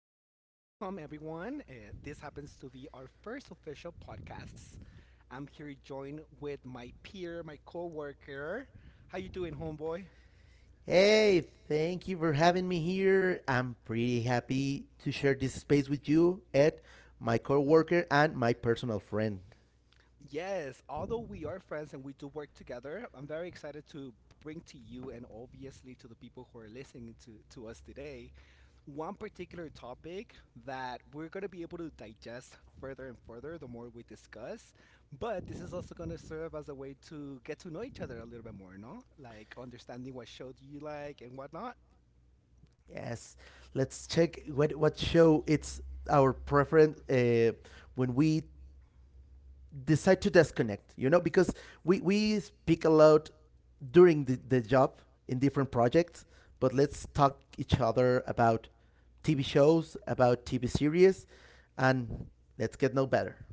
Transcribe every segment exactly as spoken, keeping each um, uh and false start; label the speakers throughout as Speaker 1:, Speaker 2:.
Speaker 1: you go. Well, welcome everyone. Uh, this happens to be our first official podcast. I'm here joined with my peer, my coworker. How you doing, homeboy?
Speaker 2: Hey, thank you for having me here. I'm pretty happy to share this space with you, Ed, my coworker and my personal friend.
Speaker 1: Yes, although we are friends and we do work together, I'm very excited to bring to you and obviously to the people who are listening to, to us today one particular topic that we're going to be able to digest further and further the more we discuss. But this is also going to serve as a way to get to know each other a little bit more, no? Like understanding what show do you like and whatnot.
Speaker 2: Yes, let's check what, what show it's our preference, uh, when we decide to disconnect, you know, because we, we speak a lot during the, the job in different projects, but let's talk each other about T V shows, about T V series, and let's get no better.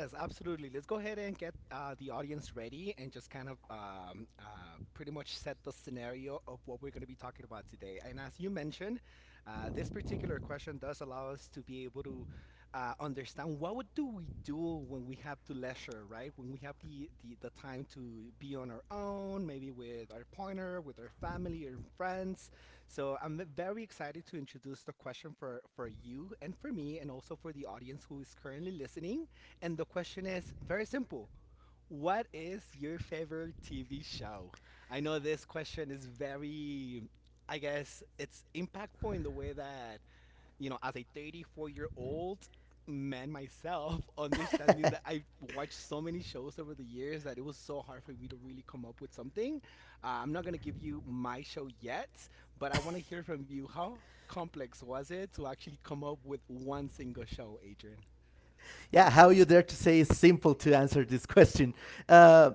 Speaker 1: Yes, absolutely. Let's go ahead and get uh, the audience ready and just kind of um, uh, pretty much set the scenario of what we're going to be talking about today. And as you mentioned, uh, this particular question does allow us to be able to uh, understand what would do we do when we have the leisure, right? When we have the, the, the time to be on our own, maybe with our partner, with our family or friends. So I'm very excited to introduce the question for, for you and for me, and also for the audience who is currently listening. And the question is very simple. What is your favorite T V show? I know this question is very, I guess it's impactful in the way that, you know, as a thirty-four year old man myself, understanding that I've watched so many shows over the years that it was so hard for me to really come up with something. Uh, I'm not going to give you my show yet, but I want to hear from you. How complex was it to actually come up with one single show, Adrian?
Speaker 2: Yeah, how you dare to say is simple to answer this question. Uh,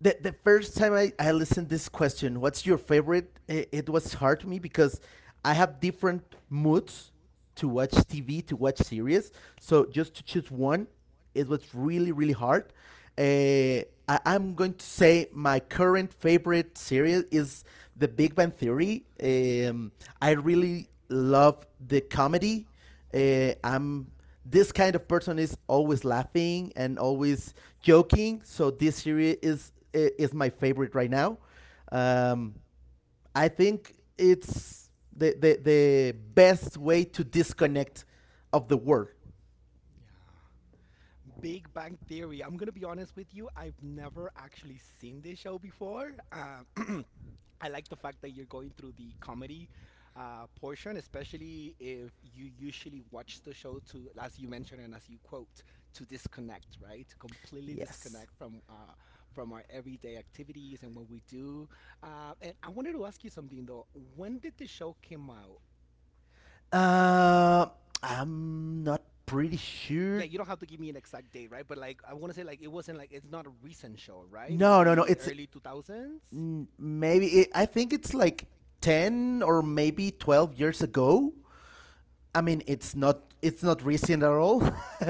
Speaker 2: the the first time I, I listened this question, what's your favorite? It, it was hard to me because I have different moods to watch T V, to watch series. So just to choose one, it was really really hard. Uh, I, I'm going to say my current favorite series is The Big Bang Theory. Um, I really love the comedy. Uh, I'm this kind of person is always laughing and always joking. So this series is is my favorite right now. Um, I think it's the, the the best way to disconnect of the world.
Speaker 1: Yeah. Big Bang Theory. I'm gonna be honest with you. I've never actually seen this show before. Um, I like the fact that you're going through the comedy uh, portion, especially if you usually watch the show to, as you mentioned and as you quote, to disconnect, right? To completely
Speaker 2: Yes.
Speaker 1: disconnect from uh, from our everyday activities and what we do. Uh, and I wanted to ask you something though. When did the show came out?
Speaker 2: Uh, I'm not pretty sure.
Speaker 1: Yeah, you don't have to give me an exact date, right? But like, I want to say like it wasn't like it's not a recent show, right?
Speaker 2: No, no, no. It's
Speaker 1: Maybe early two thousands.
Speaker 2: mm, maybe it, I think it's like ten or maybe twelve years ago. I mean, it's not it's not recent at all,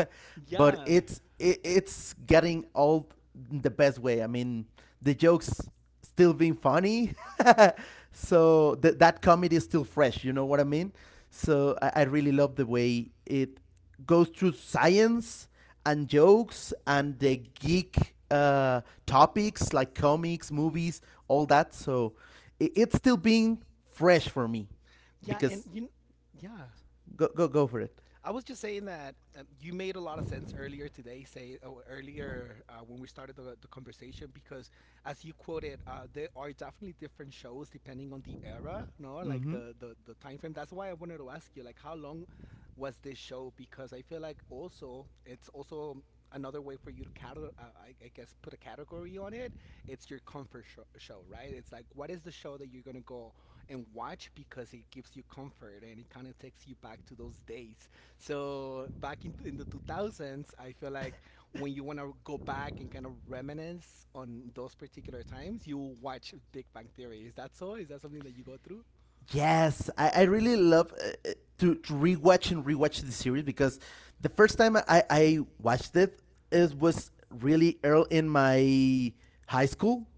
Speaker 2: but
Speaker 1: Yeah,
Speaker 2: it's it, it's getting old in the best way. I mean, the jokes still being funny, so th- that comedy is still fresh. You know what I mean? So I, I really love the way it goes through science and jokes and the geek uh, topics like comics, movies, all that. So it, it's still being fresh for me
Speaker 1: yeah,
Speaker 2: because
Speaker 1: and you, yeah,
Speaker 2: go go go for it.
Speaker 1: I was just saying that um, you made a lot of sense earlier today, say oh, earlier uh, when we started the, the conversation, because as you quoted, uh, there are definitely different shows depending on the era, no,
Speaker 2: Mm-hmm.
Speaker 1: like the, the the time frame. That's why I wanted to ask you, like, how long was this show? Because I feel like also it's also another way for you to catalog, uh, I, I guess, put a category on it. It's your comfort sho show, right? It's like what is the show that you're gonna go and watch because it gives you comfort and it kind of takes you back to those days so back in, in the two thousands, I feel like when you want to go back and kind of reminisce on those particular times, you watch Big Bang Theory. Is that so? Is that something that you go through?
Speaker 2: Yes, I, I really love uh, uh, to, to rewatch and rewatch the series because the first time I, I watched it, it was really early in my high school,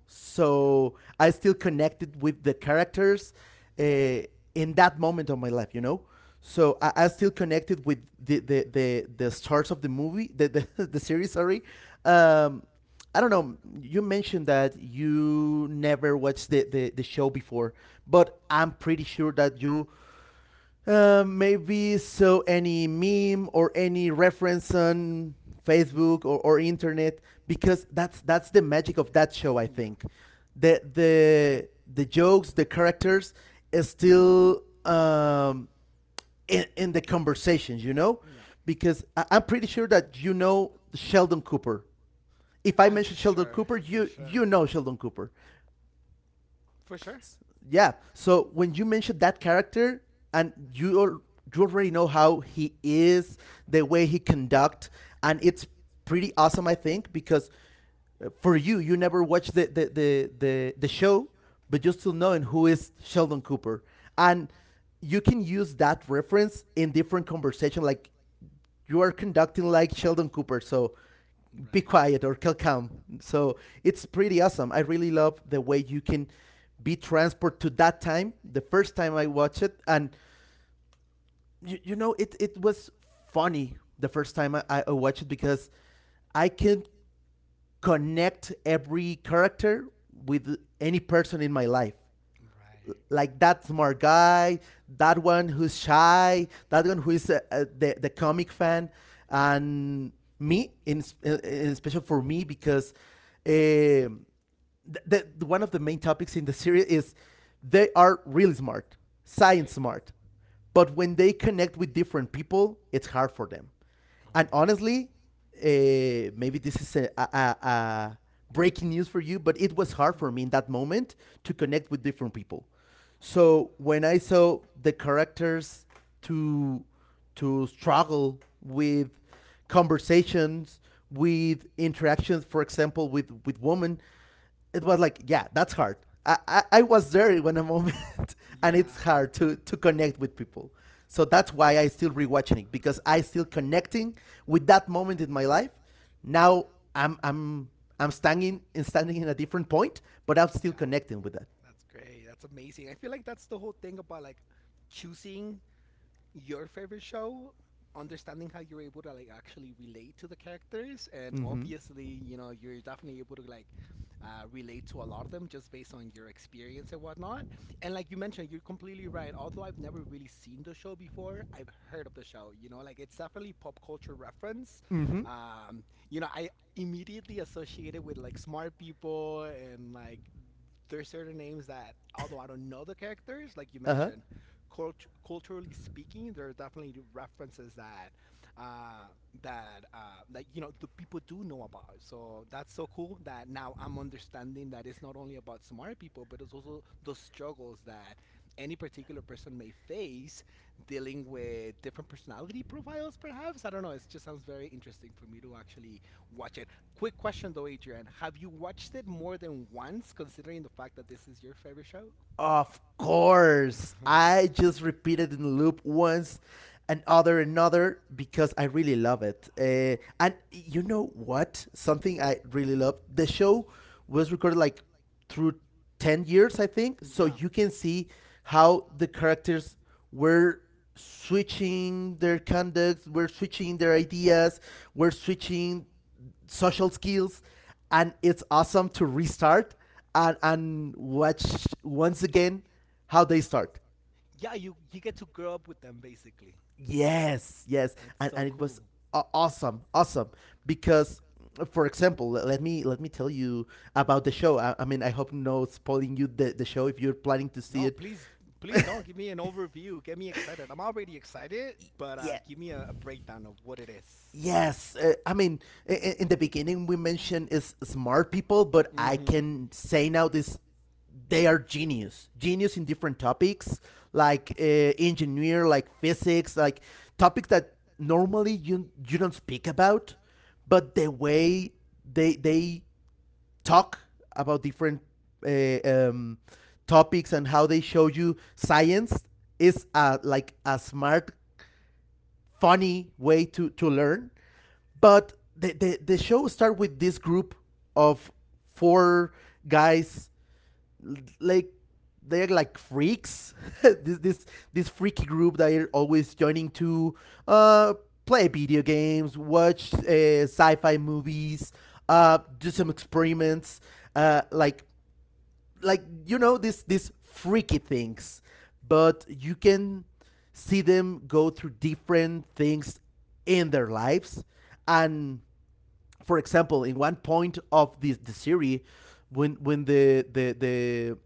Speaker 1: Yeah.
Speaker 2: so I still connected with the characters uh, in that moment of my life, you know. So I, I still connected with the, the, the, the stars of the movie, the, the, the series, sorry. Um, I don't know. You mentioned that you never watched the, the, the show before, but I'm pretty sure that you uh, maybe saw any meme or any reference on Facebook or, or internet because that's that's the magic of that show. I
Speaker 1: Yeah.
Speaker 2: think the the the jokes, the characters, is still um, in, in the
Speaker 1: I
Speaker 2: conversations. You know,
Speaker 1: know. Yeah,
Speaker 2: because I, I'm pretty sure that you know Sheldon Cooper. If I
Speaker 1: know,
Speaker 2: mention
Speaker 1: I'm
Speaker 2: Sheldon
Speaker 1: sure.
Speaker 2: Cooper, you
Speaker 1: For
Speaker 2: you
Speaker 1: sure.
Speaker 2: know Sheldon Cooper.
Speaker 1: For sure.
Speaker 2: Yeah. So when you mention that character, and you al- you already know how he is, the way he conduct, and it's pretty awesome, I think, because uh, for you, you never watched the the the the, the show, but you're still knowing who is Sheldon Cooper, and you can use that reference in different conversation like you are conducting like Sheldon Cooper, so be quiet
Speaker 1: Right.
Speaker 2: or calm. So it's pretty awesome. I really love the way you can be transported to that time, the first time I watched it. And, you, you know, it, it was funny the first time I, I watched it because I can connect every character with any person in my life,
Speaker 1: Right.
Speaker 2: like that smart guy, that one who's shy, that one who is uh, uh, the the comic fan, and me in, in especially for me because um the, the one of the main topics in the series is they are really smart, science
Speaker 1: Right.
Speaker 2: smart, but when they connect with different people, it's hard for them. And
Speaker 1: Um,
Speaker 2: honestly, uh, maybe this is a, a, a breaking news for you, but it was hard for me in that moment to connect with different people. So when I saw the characters to to struggle with conversations, with interactions, for example, with with women, it was like, yeah, that's hard. I, I, I was there in a moment, and it's
Speaker 1: yeah.
Speaker 2: hard to to connect with people. So that's why I still rewatching it because I still connecting with that moment in my life. Now I'm I'm I'm standing in standing in a different point, but I'm still
Speaker 1: Yeah.
Speaker 2: connecting with that.
Speaker 1: That's great. That's amazing. I feel like that's the whole thing about like choosing your favorite show, understanding how you're able to like actually relate to the characters, and
Speaker 2: Mm-hmm.
Speaker 1: obviously, you know, you're definitely able to like uh, relate to a lot of them just based on your experience and whatnot. And like you mentioned, you're completely right. Although I've never really seen the show before, I've heard of the show. You know, like it's definitely pop culture reference.
Speaker 2: Mm-hmm.
Speaker 1: Um, you know, I immediately associated with like smart people and like there's certain names that although I don't know the characters, like you
Speaker 2: Uh-huh.
Speaker 1: mentioned, uh-huh. Cult- culturally speaking, there are definitely references that uh, that uh, that you know the people do know about. So that's so cool that now I'm understanding that it's not only about smart people, but it's also the struggles that any particular person may face dealing with different personality profiles. Perhaps I don't know. It just sounds very interesting for me to actually watch a Quick question though, Adrian. Have you watched it more than once, considering the fact that this is your favorite show?
Speaker 2: Of course.
Speaker 1: For
Speaker 2: I
Speaker 1: ten
Speaker 2: just repeated in the loop once another another because I really love it. Uh, and you know what? Something I really love. The show was recorded like through ten years, I
Speaker 1: years,
Speaker 2: think.
Speaker 1: I
Speaker 2: So
Speaker 1: believe. Yeah.
Speaker 2: you
Speaker 1: So
Speaker 2: can
Speaker 1: you
Speaker 2: see
Speaker 1: can see.
Speaker 2: how the characters were switching their conducts, were switching their ideas, were switching social skills, and it's awesome to restart and and watch once again how they start.
Speaker 1: Yeah, you, you get to grow up with them basically. Yes.
Speaker 2: Yes, yes,
Speaker 1: That's
Speaker 2: and
Speaker 1: yes.
Speaker 2: and
Speaker 1: So
Speaker 2: it
Speaker 1: and
Speaker 2: was
Speaker 1: cool. It
Speaker 2: awesome, awesome because. For example, let me let me tell you about the
Speaker 1: was
Speaker 2: show.
Speaker 1: about
Speaker 2: I,
Speaker 1: the
Speaker 2: I
Speaker 1: show.
Speaker 2: mean, I hope no spoiling you the, the show if
Speaker 1: I, I mean, I hope no spoiling you the, the show if you're planning no to
Speaker 2: you're planning to see it.
Speaker 1: see it. Please, please don't give me an overview. Get me excited. I'm already excited, but
Speaker 2: Yeah,
Speaker 1: uh, give me a, a breakdown of what it is.
Speaker 2: yes, uh, I mean, i- i- in
Speaker 1: I-
Speaker 2: the
Speaker 1: I- In the
Speaker 2: beginning we
Speaker 1: beginning, we
Speaker 2: mentioned is
Speaker 1: mentioned is
Speaker 2: smart people,
Speaker 1: smart
Speaker 2: but
Speaker 1: people.
Speaker 2: I
Speaker 1: Mm-hmm. I is. Mm-hmm.
Speaker 2: can say now this they are genius, genius in different topics like uh, engineer, like physics, like topics that normally you you don't speak about, but the way they they talk about different uh, um, topics and how they show you science is uh, like a smart funny way to to learn. But the the, the show starts with this group of four guys like they're like freaks. this this this freaky group that are always joining to uh, play video games, watch uh, sci-fi movies, uh, do some experiments, uh, like like you know these these freaky things, but you can see them go through different things in their lives. And for example, in one point of this the series, when when the the the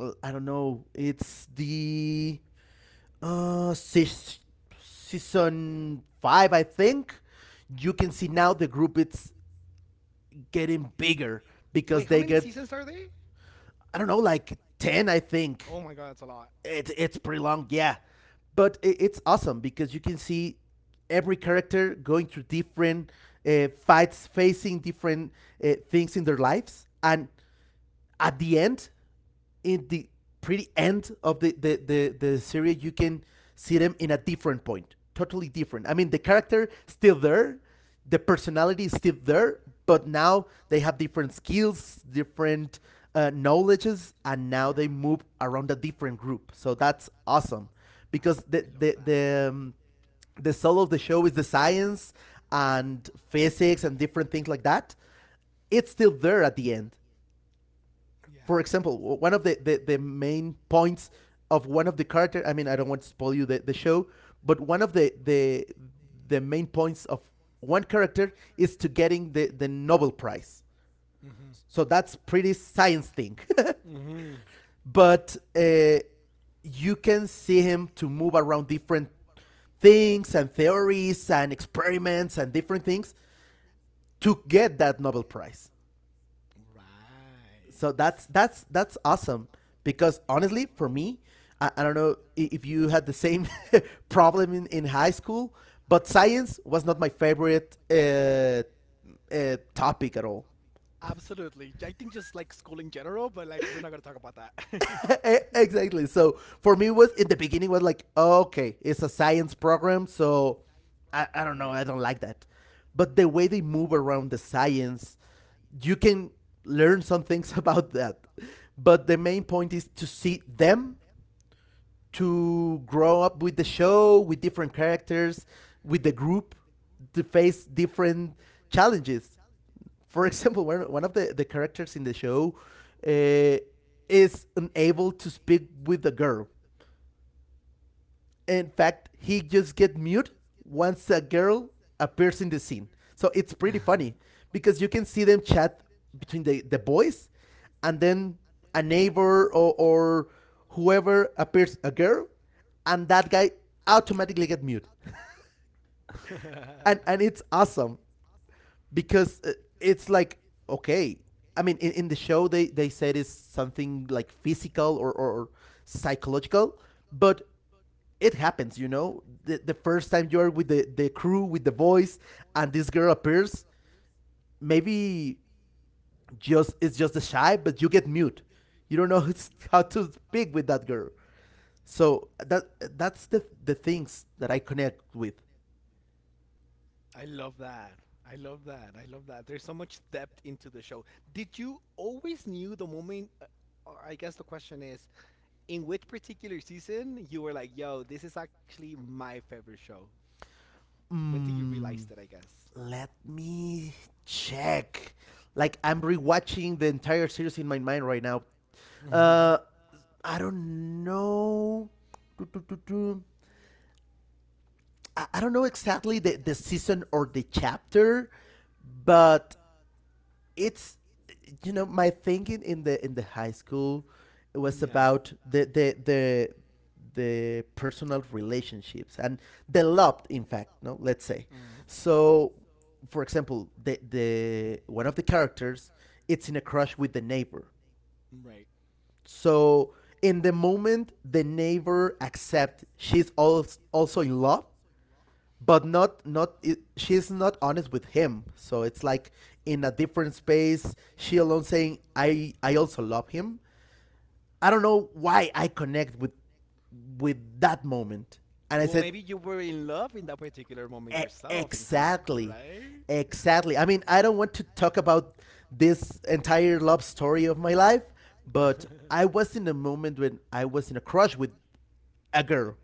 Speaker 2: uh, I don't know, it's the uh sis- season five, I think. You can see now the group it's getting bigger because
Speaker 1: Wait,
Speaker 2: they
Speaker 1: how many
Speaker 2: get
Speaker 1: seasons are they?
Speaker 2: I don't know like ten, I think.
Speaker 1: Oh my god, that's a lot.
Speaker 2: It, it's pretty long, yeah, but it, it's awesome because you can see every character going through different uh, fights, facing different uh, things in their lives, and at the end, in the pretty end of the the the, the series, you can see them in a different point totally different. I mean the character still there, the personality is still there, but now they have different skills, different uh, knowledges, and now they
Speaker 1: Yeah.
Speaker 2: move around a different group, so that's awesome
Speaker 1: I
Speaker 2: because
Speaker 1: love
Speaker 2: the
Speaker 1: that.
Speaker 2: the
Speaker 1: Because
Speaker 2: the, um, the soul of the show is the science and physics and different things like that. It's still there at the end.
Speaker 1: the, the,
Speaker 2: For
Speaker 1: yeah.
Speaker 2: example, one of the, the, the main points of one of the character. I mean, I don't want to spoil you the, the show, but one of the, the the main points of one character is to getting the, the Nobel Prize.
Speaker 1: Mhm.
Speaker 2: So that's pretty science thing.
Speaker 1: Mhm.
Speaker 2: But uh, you can see him to move around different things and theories and experiments and different things to get that Nobel Prize.
Speaker 1: Right,
Speaker 2: So that's
Speaker 1: so
Speaker 2: that's that's awesome because honestly for me i, I don't know if you had the same problem in, in high school, but science was not my favorite uh, uh, topic at all.
Speaker 1: absolutely. I think just like school in general, but like we're not gonna talk about that.
Speaker 2: Exactly, so for me it was in the beginning was like okay, it's a science program,
Speaker 1: So
Speaker 2: so
Speaker 1: right.
Speaker 2: I, I don't know, I don't like that, but the way they move around the science, you can learn some things about that. But the main point is to see them to grow up with the show, with different characters, with the group, to face different challenges. For example, one one of the, the characters in the show uh, is unable to speak with the girl. In fact, he just get mute once a girl appears in the scene. So it's pretty funny because you can see them chat between the, the boys, and then a neighbor, or, or whoever, appears a girl, and that guy automatically get mute.
Speaker 1: It's pretty funny.
Speaker 2: And and it's awesome because uh, it's like okay, I mean, in, in the show, they, they said it's something like physical, or, or, or psychological, but it happens, you know. The, the first time you're with the, the crew, with the voice, and this girl appears, maybe just it's just a shy, but you get mute. You don't know how to speak with that girl. So that that's the the things that I connect with.
Speaker 1: I love that. I love that. I love that. There's so much depth into the show. Did you always knew the moment? uh, Or I guess the question is, in which particular season you were like, "Yo, this is actually my favorite show." When did you realize that? I
Speaker 2: Mm,
Speaker 1: guess.
Speaker 2: let me check. Like I'm rewatching the entire series in my mind right now.
Speaker 1: Mind right
Speaker 2: Uh, I don't know. Do, do, do, do. I, I don't know exactly the, the season or the chapter, but it's, you know, my thinking in the in the high school
Speaker 1: now.
Speaker 2: was
Speaker 1: Yeah.
Speaker 2: about the the the the personal relationships and the love. In fact, no, let's say,
Speaker 1: Uh,
Speaker 2: so for example, the the one of the characters, it's in a crush with the neighbor.
Speaker 1: let's say right.
Speaker 2: So in the moment the neighbor accept she's al- also in love, but not not it, she's not honest with him. So it's like in a different space she alone saying i i also love him. I don't know why I connect with with that moment.
Speaker 1: Well,
Speaker 2: And I
Speaker 1: maybe
Speaker 2: said,
Speaker 1: you were in love in that particular moment
Speaker 2: e-
Speaker 1: yourself in high school,
Speaker 2: exactly,
Speaker 1: right?
Speaker 2: exactly I mean, I don't want to talk about this entire love story of my life, but I was in a moment when I was in a crush with a girl,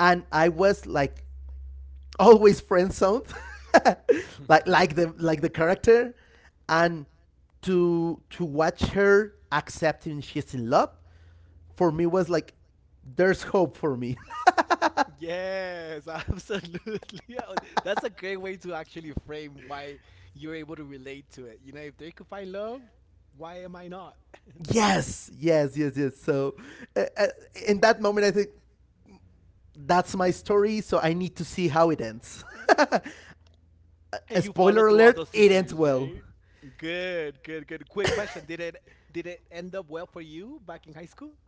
Speaker 2: and I was like always friend zoned, like like the like the character, and to to watch her accepting she's in love, for me was like, there's hope for me.
Speaker 1: Yes, absolutely. Yeah, that's a great way to actually frame why you're able to relate to it. You know, if they could find love, why am I not?
Speaker 2: Yes, yes, yes, yes. So, uh, uh, in that moment, I think that's my story. So I need to see how it ends. A
Speaker 1: And you
Speaker 2: spoiler
Speaker 1: follow
Speaker 2: alert:
Speaker 1: throughout those
Speaker 2: it ends
Speaker 1: seasons,
Speaker 2: well.
Speaker 1: right? Good, good, good. Quick question. Did it did it end up well for you back in high school?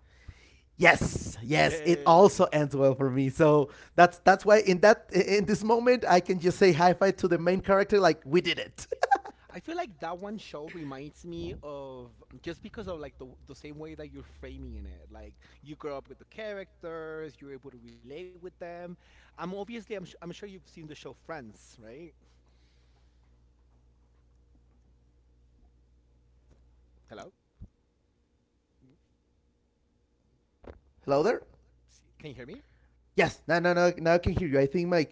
Speaker 2: Yes, yes, it also
Speaker 1: Yeah.
Speaker 2: ends well for me. So that's that's why in that in this moment I can just say high five to the main character like we did it.
Speaker 1: I feel like that one show reminds me of just because of like the the same way that you're framing in it. Like you grow up with the characters, you're able to relate with them. I'm obviously I'm, su- I'm sure you've seen the show Friends, right? Hello, mm,
Speaker 2: Hello there?
Speaker 1: S- can you hear me?
Speaker 2: Yes. No, no, no. Now I can hear you. I think my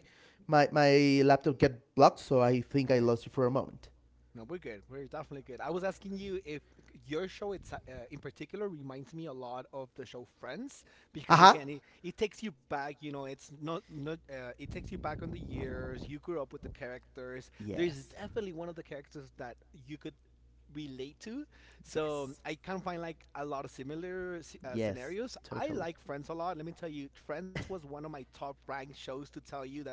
Speaker 2: my my laptop get blocked, so I think I
Speaker 1: Okay.
Speaker 2: lost you for a moment.
Speaker 1: No, we're good. We're definitely good. I was asking you if your show, it's, uh, in particular, reminds me a lot of the show Friends, because
Speaker 2: Uh-huh.
Speaker 1: again, it, it takes you back. You know, it's not not. Uh, it takes you back on the years you grew up with the characters. There's
Speaker 2: Yes.
Speaker 1: definitely one of the characters that you could relate to. So
Speaker 2: Yes.
Speaker 1: I can find like a lot of similar uh,
Speaker 2: Yes,
Speaker 1: scenarios. I
Speaker 2: totally.
Speaker 1: like Friends a lot. Let me tell you, Friends was one of my top ranked shows to tell you that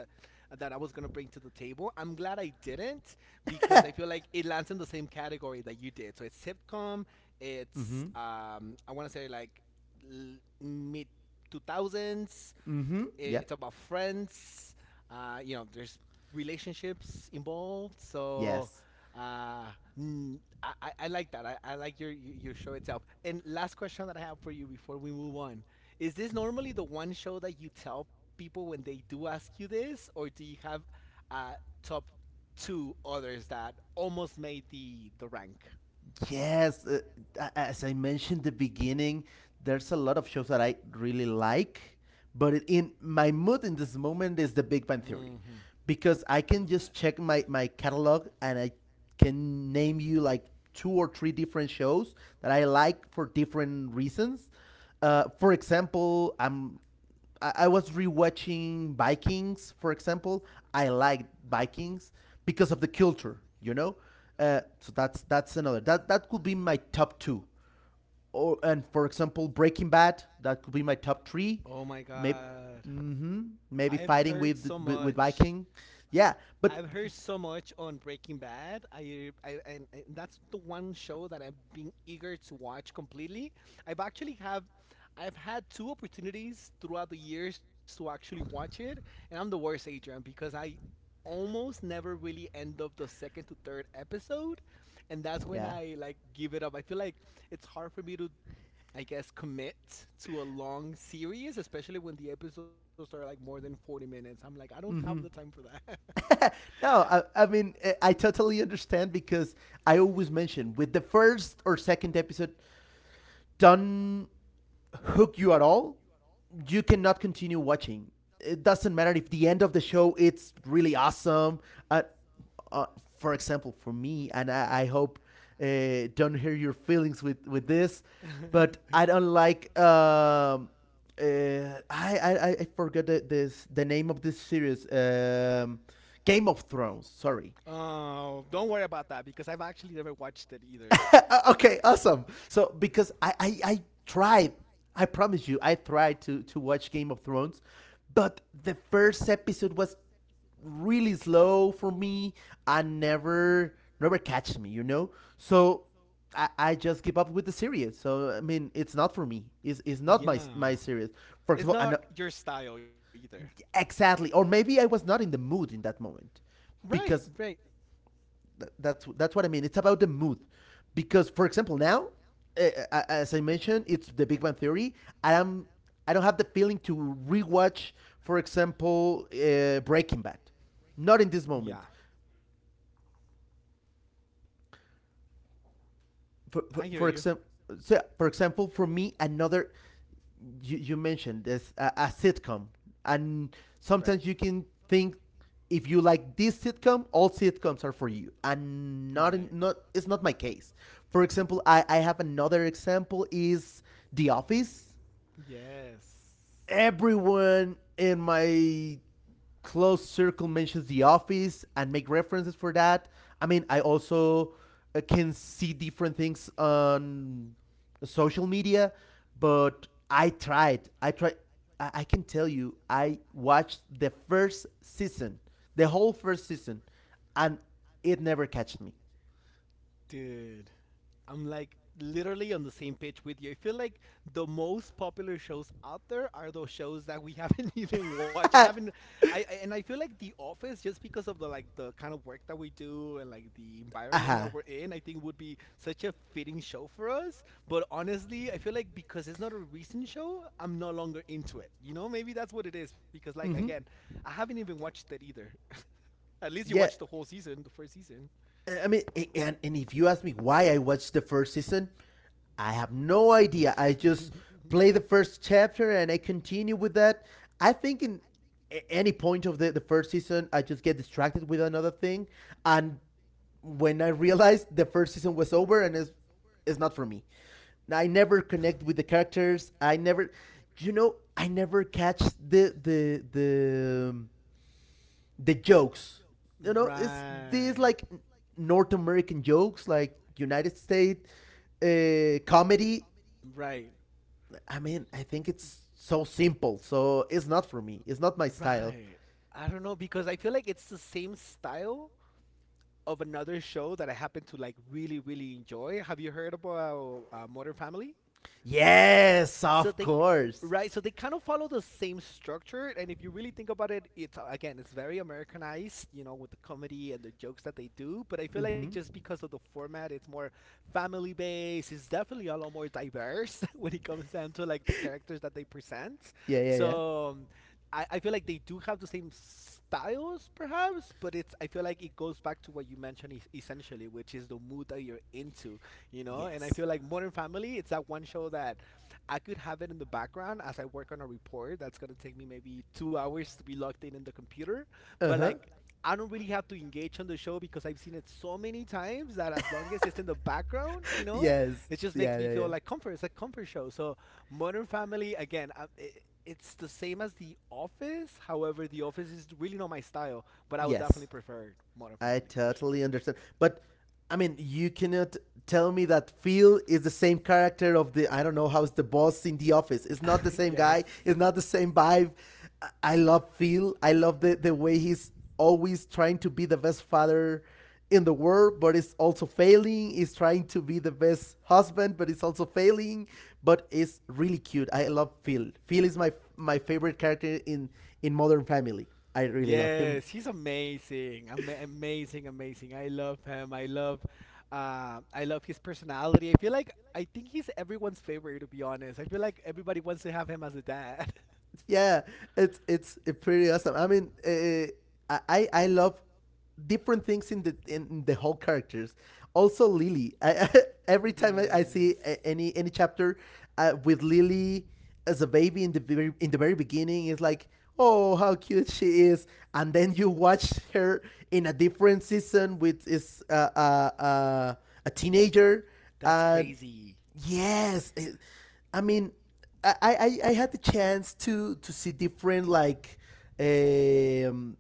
Speaker 1: that I was gonna bring to the table. I'm glad I didn't because I feel like it lands in the same category that you did. So it's sitcom. It's
Speaker 2: Mhm.
Speaker 1: um, I want to say like l- mid two thousands
Speaker 2: Mhm.
Speaker 1: it's
Speaker 2: Yep.
Speaker 1: about friends. Uh, you know, there's relationships involved. So
Speaker 2: Yes.
Speaker 1: uh, mm, I, I I like that. I, I like your your your show itself. And last question that I have for you before we move on is this normally the one show that you tell people when they do ask you this, or do you have uh, top two others that almost made the the rank?
Speaker 2: Yes, uh, as I mentioned at the beginning, there's a lot of shows that I really like, but in my mood in this moment is The Big Bang
Speaker 1: Hmm.
Speaker 2: Theory, because
Speaker 1: I
Speaker 2: I
Speaker 1: love
Speaker 2: can
Speaker 1: that.
Speaker 2: just check my my catalog and I can name you like two or three different shows that I like for different reasons. Uh, for example, I'm I, I was rewatching Vikings, for example. I liked Vikings because of the culture, you know. Uh, so that's that's another that that could be my top two. Or and for
Speaker 1: Oh
Speaker 2: example, Breaking Bad that could be my top three.
Speaker 1: my
Speaker 2: Maybe,
Speaker 1: god.
Speaker 2: mm-hmm,
Speaker 1: I've
Speaker 2: maybe
Speaker 1: heard so
Speaker 2: fighting with,
Speaker 1: much.
Speaker 2: with with Viking, yeah.
Speaker 1: I've heard
Speaker 2: But
Speaker 1: so much on Breaking Bad. I, I and, and that's the one show that I've been eager to watch completely. I've actually have I've had two opportunities throughout the years to actually watch it, and I'm the worst, Adrian, because I almost never really end up the second to third episode, and that's when
Speaker 2: yeah,
Speaker 1: I like give it up. I feel like it's hard for me to I guess, commit to a long series, especially when the episodes are like more than forty minutes. I'm like, I don't have the time
Speaker 2: mm-hmm.
Speaker 1: for that.
Speaker 2: No, I, I mean, I- I totally understand because I always mention with the first or second episode don't hook you at all, you cannot continue watching. It doesn't matter if the end of the show it's really awesome. Uh, uh, for example, for me, and I, I hope uh, don't hear your feelings with with
Speaker 1: Uh,
Speaker 2: this,
Speaker 1: don't hear your feelings with,
Speaker 2: but I don't like. Um, uh, I, I I forgot the, this the name of this series. Um, Game of Thrones. Sorry.
Speaker 1: oh, don't worry about that because I've actually never watched it either.
Speaker 2: Uh, okay, awesome. So because I, I I tried, I promise you, I tried to to watch Game of Thrones, but the first episode was really slow for me. I never never catch me, you know. So I, I just give up with the series. So I mean, it's not for me. It's, it's not my
Speaker 1: Yeah.
Speaker 2: my series. For
Speaker 1: It's
Speaker 2: example, I
Speaker 1: not
Speaker 2: know,
Speaker 1: your style either.
Speaker 2: exactly, or maybe I was not in the mood in that moment
Speaker 1: Right,
Speaker 2: because
Speaker 1: right.
Speaker 2: that's that's what I mean. It's about the mood, because for example, now, eh, eh, as I mentioned, it's The Big Bang Theory. I am I don't have the feeling to rewatch, for example, uh, Breaking Bad.
Speaker 1: Because
Speaker 2: Not in
Speaker 1: yeah,
Speaker 2: this moment. for
Speaker 1: I
Speaker 2: for,
Speaker 1: hear
Speaker 2: for
Speaker 1: you.
Speaker 2: example, so for example, for me, another, you, you mentioned this, a, a sitcom, and
Speaker 1: Example,
Speaker 2: sometimes you can think if you like this sitcom, all sitcoms are for you,
Speaker 1: right,
Speaker 2: and
Speaker 1: right.
Speaker 2: not in, not, it's not my case. For example, I I have another example is The Office.
Speaker 1: Yes.
Speaker 2: Everyone in my close circle mentions The Office and make references for that. I mean, I also uh, can see different things on social media, but I tried. I tried. I, can tell you, I watched the first season, the whole first season, and it never catched me.
Speaker 1: Dude. I'm like literally on the same page with you. I feel like the most popular shows out there are those shows that we haven't even watched. I
Speaker 2: Aha.
Speaker 1: haven't I I- and I feel like The Office, just because of the like the kind of work that we do and like the environment
Speaker 2: Uh-huh.
Speaker 1: that we're in, I think would be such a fitting show for us. But honestly, I feel like because it's not a recent show, I'm no longer into it. You know, maybe that's what it is, because like again,
Speaker 2: Hmm.
Speaker 1: I haven't even watched it either. At least you
Speaker 2: Yeah,
Speaker 1: watched the whole season, the first season.
Speaker 2: I mean, and and if you ask me why I watched the first season, I have no idea. I just play the first chapter and I continue with that. I think in any point of the, the first season, I just get distracted with another thing, and when I realized the first season was over, and it's it's not for me. I never connect with the characters. I never, you know, I never catch the the the. um, the jokes. You know, it's these
Speaker 1: Right.
Speaker 2: like North American jokes, like United States uh, comedy.
Speaker 1: Right.
Speaker 2: I mean, I think it's so simple, so it's not for me. It's not my style.
Speaker 1: Right. Style. I don't know, because I feel like it's the same style of another show that I happen to like really really enjoy. Have you heard about uh, Modern Family? Yes,
Speaker 2: Yes,
Speaker 1: so
Speaker 2: of
Speaker 1: they,
Speaker 2: course.
Speaker 1: right, so they kind of follow the same structure, and if you really think about it, it's uh, again, it's very americanized, you know, with the comedy and the jokes that they do, but I feel like
Speaker 2: Hmm.
Speaker 1: just because of the format, it's more family based. It's definitely a lot more diverse when it comes down to like the characters that they present.
Speaker 2: Yeah, yeah, yeah.
Speaker 1: So um, I, I feel like they do have the same styles perhaps, but it's, I feel like it goes back to what you mentioned es- essentially, which is the mood that you're into. You know, and I
Speaker 2: Yes.
Speaker 1: feel like Modern Family, it's that one show that I could have it in the background as I work on a report that's gonna take me maybe two hours to be logged in in the computer.
Speaker 2: Uh
Speaker 1: But
Speaker 2: huh.
Speaker 1: like, I don't really have to engage on the show because I've seen it so many times that as long as it's in the background, you know,
Speaker 2: Yes.
Speaker 1: it just makes
Speaker 2: Yeah,
Speaker 1: me
Speaker 2: yeah,
Speaker 1: feel
Speaker 2: yeah.
Speaker 1: like comfort. It's a comfort show. So Modern Family again. I, it, it's the same as The Office. However, The Office is really not my style, but I would definitely
Speaker 2: Yes.
Speaker 1: prefer Modern
Speaker 2: I
Speaker 1: Family for sure.
Speaker 2: totally understand. But I mean, you cannot tell me that Phil is the same character of the, I don't know how's the boss in the office. It's not the same guy. It's not the same vibe. I- Love Phil. I love the the way he's always trying to be the best father in the world, but it's also failing. He's trying to be the best husband, but it's also failing. But it's really cute. I love Phil. Phil is my my favorite character in in Modern Family. I really love him.
Speaker 1: Yes. It's not the same vibe. Yes, he's amazing. Ama amazing, amazing. I love him. I love uh, I love his personality. I feel like I think he's everyone's favorite, to be honest. I feel like everybody wants to have him as a dad.
Speaker 2: Yeah, it's it's uh, pretty awesome. I mean, uh, I I love different things in the in the whole characters. Also, Lily. I, every
Speaker 1: Yes.
Speaker 2: time I, I
Speaker 1: Yes.
Speaker 2: see a- any any chapter uh, with Lily as a baby in the very in the very beginning, it's like, oh, how cute she is, and then you watch her in a different season with is uh, uh, uh, a teenager,
Speaker 1: That's
Speaker 2: and
Speaker 1: crazy.
Speaker 2: yes, it, I mean, I, I I had the chance to to see different, like um,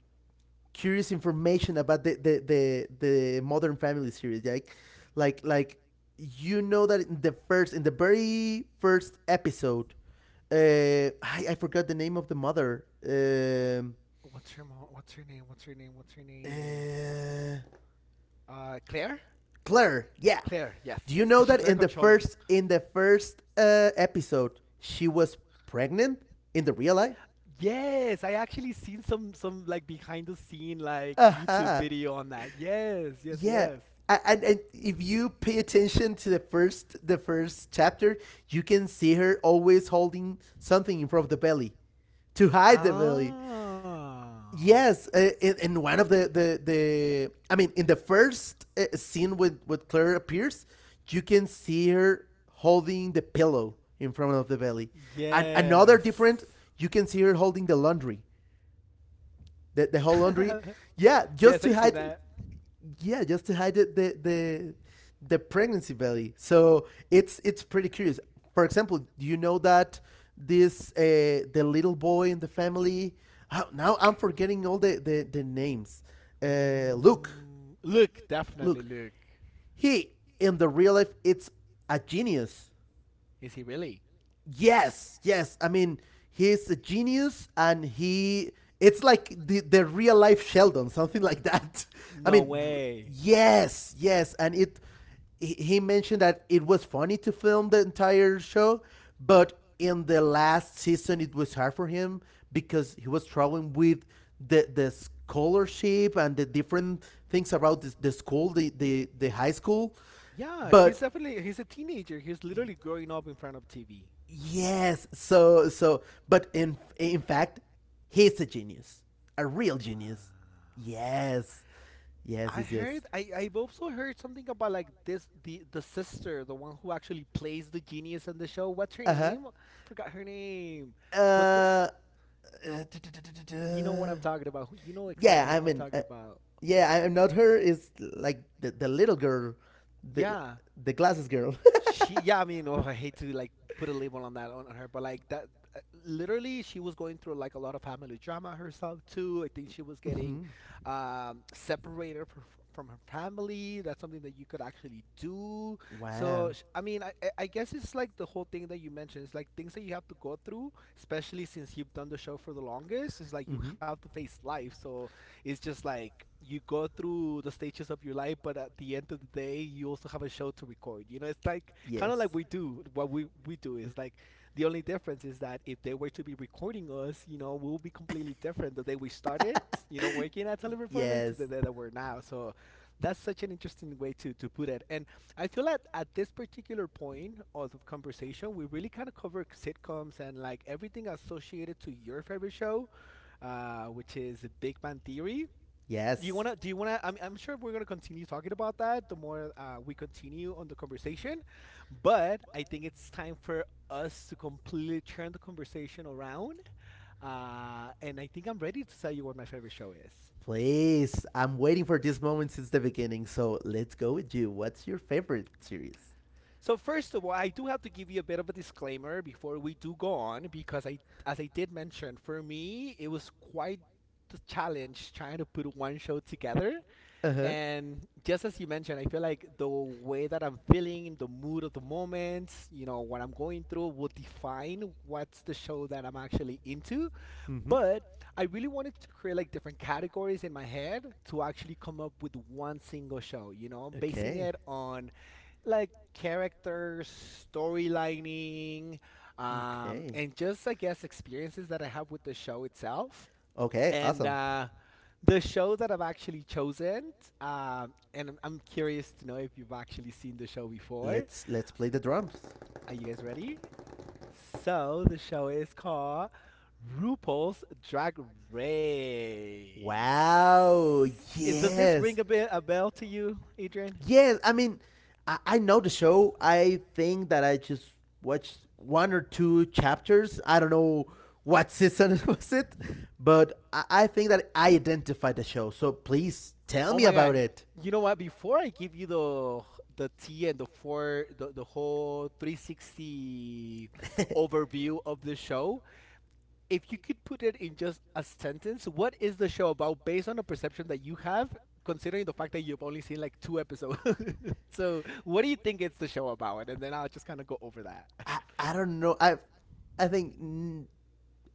Speaker 2: curious information about the the the, the Modern Family series, like like like you know that in the first in the very first episode, uh i, I forgot the name of the mother. um
Speaker 1: What's her mo- what's her name? What's her name? What's her name?
Speaker 2: uh,
Speaker 1: Uh, Claire?
Speaker 2: Claire, yeah.
Speaker 1: Claire, yes,
Speaker 2: Do you know
Speaker 1: because she's
Speaker 2: that
Speaker 1: very
Speaker 2: in the
Speaker 1: controlling.
Speaker 2: first in the first uh, episode she was pregnant in the real life?
Speaker 1: Yes, I actually seen some some like behind the scene like YouTube
Speaker 2: Uh-huh.
Speaker 1: video on that. Yes, yes,
Speaker 2: Yeah.
Speaker 1: yes.
Speaker 2: And, and if you pay attention to the first the first chapter, you can see her always holding something in front of the belly to hide the belly.
Speaker 1: Ah,
Speaker 2: Yes, uh, in, in one of the, the, the I mean, in the first uh, scene with with Claire appears, you can see her holding the pillow in front of the belly, and another different,
Speaker 1: yes,
Speaker 2: you can see her holding the laundry, the the whole laundry. Yeah,
Speaker 1: yes, I seen
Speaker 2: just to
Speaker 1: that.
Speaker 2: hide, yeah, just to hide the the the, the pregnancy belly. So it's it's pretty curious. For example, do you know that this uh, the little boy in the family? how- Now I'm forgetting all the the, the names. Uh, Luke,
Speaker 1: Mm, Luke, definitely
Speaker 2: Luke,
Speaker 1: Luke.
Speaker 2: he in the real life it's a genius.
Speaker 1: Is he really?
Speaker 2: Yes, yes. I mean, he's a genius, and he. It's like the the real life Sheldon, something like that. I
Speaker 1: No
Speaker 2: mean, r-
Speaker 1: way.
Speaker 2: yes, yes, and it. He he mentioned that it was funny to film the entire show, but in the last season it was hard for him because he was struggling with the the scholarship and the different things about the, the school, the, the the high school.
Speaker 1: Yeah, he's
Speaker 2: But
Speaker 1: definitely, he's a teenager. He's literally growing up in front of T V.
Speaker 2: yes. So so but in in fact, he's a genius. A real genius.
Speaker 1: Wow.
Speaker 2: Yes. Yes,
Speaker 1: I
Speaker 2: yes, yes.
Speaker 1: heard I I've also heard something about like this the the sister, the one who actually plays the genius in the show. What's her
Speaker 2: Uh-huh.
Speaker 1: name? I forgot her name. But the,
Speaker 2: Uh, uh, duh, duh, duh, duh, duh,
Speaker 1: you know what I'm
Speaker 2: duh.
Speaker 1: talking about. Who- You know
Speaker 2: Yeah,
Speaker 1: exactly
Speaker 2: I
Speaker 1: who I'm
Speaker 2: mean,
Speaker 1: talking
Speaker 2: uh,
Speaker 1: about.
Speaker 2: yeah, I- I'm not her. Is like the the little girl, the
Speaker 1: Yeah.
Speaker 2: the glasses girl.
Speaker 1: She, yeah, I mean, oh, I hate to like put a label on that, on, on her, but like that, uh, literally, she was going through like a lot of family drama herself too. I think she was
Speaker 2: hmm
Speaker 1: getting
Speaker 2: um,
Speaker 1: um, separated from, from her family. That's something that you could actually do. So,
Speaker 2: Wow.
Speaker 1: sh- I mean, I, I I guess it's like the whole thing that you mentioned. It's like things that you have to go through, especially since you've done the show for the longest. It's like you
Speaker 2: Hmm.
Speaker 1: have to face life. So, it's just like you go through the stages of your life, but at the end of the day, you also have a show to record. You know, it's like kind of like we do. What we we do is like, the only difference is that if they were to be recording us, you know, we'll be completely different the day we started. You know, working at teleperformance to the day that we're now. So that's such an interesting way to to put it. And I feel that at this particular point of the conversation, we really kind of cover sitcoms and like everything associated to your favorite show, uh, which is Big Bang Theory. do you
Speaker 2: Yes.
Speaker 1: wanna? Do you wanna? I'm, I'm sure we're gonna continue talking about that the more uh, we continue on the conversation, but I think it's time for us to completely turn the conversation around. Uh, and I think I'm ready to tell you what my favorite show is.
Speaker 2: Please. I'm waiting for this moment since the beginning, so let's go with you. What's your favorite series?
Speaker 1: So first of all, I do have to give you a bit of a disclaimer before we do go on because I, as I did mention, for me it was quite the challenge trying to put one show together.
Speaker 2: Uh huh.
Speaker 1: And just as you mentioned, I feel like the way that I'm feeling, the mood of the moment, you know, what I'm going through will define what's the show that I'm actually into.
Speaker 2: Mm-hmm.
Speaker 1: But I really wanted to create like different categories in my head to actually come up with one single show, you know, basing
Speaker 2: Okay.
Speaker 1: it on like characters, storylining, um,
Speaker 2: Okay.
Speaker 1: and just, I guess, experiences that I have with the show itself.
Speaker 2: Okay.
Speaker 1: And
Speaker 2: Awesome.
Speaker 1: uh, the show that I've actually chosen, um, and I'm, I'm curious to know if you've actually seen the show before.
Speaker 2: Let's let's play the drums.
Speaker 1: Are you guys ready? So the show is called RuPaul's Drag Race.
Speaker 2: Wow.
Speaker 1: Is Does this ring a
Speaker 2: Yes.
Speaker 1: bit a bell to you, Adrian?
Speaker 2: Yes. I mean, I, I know the show. I think that I just watched one or two chapters. I don't know what season was it, but I, I think that I identified the show. So please tell
Speaker 1: Oh
Speaker 2: me
Speaker 1: my God!
Speaker 2: about it.
Speaker 1: You know what? Before I give you the the tea and the four the, the whole three sixty overview of the show, if you could put it in just a sentence, what is the show about based on a perception that you have, considering the fact that you've only seen like two episodes? so, what do you think it's the show about? And then I'll just kind of go over that.
Speaker 2: I, I don't know. I I think, mm,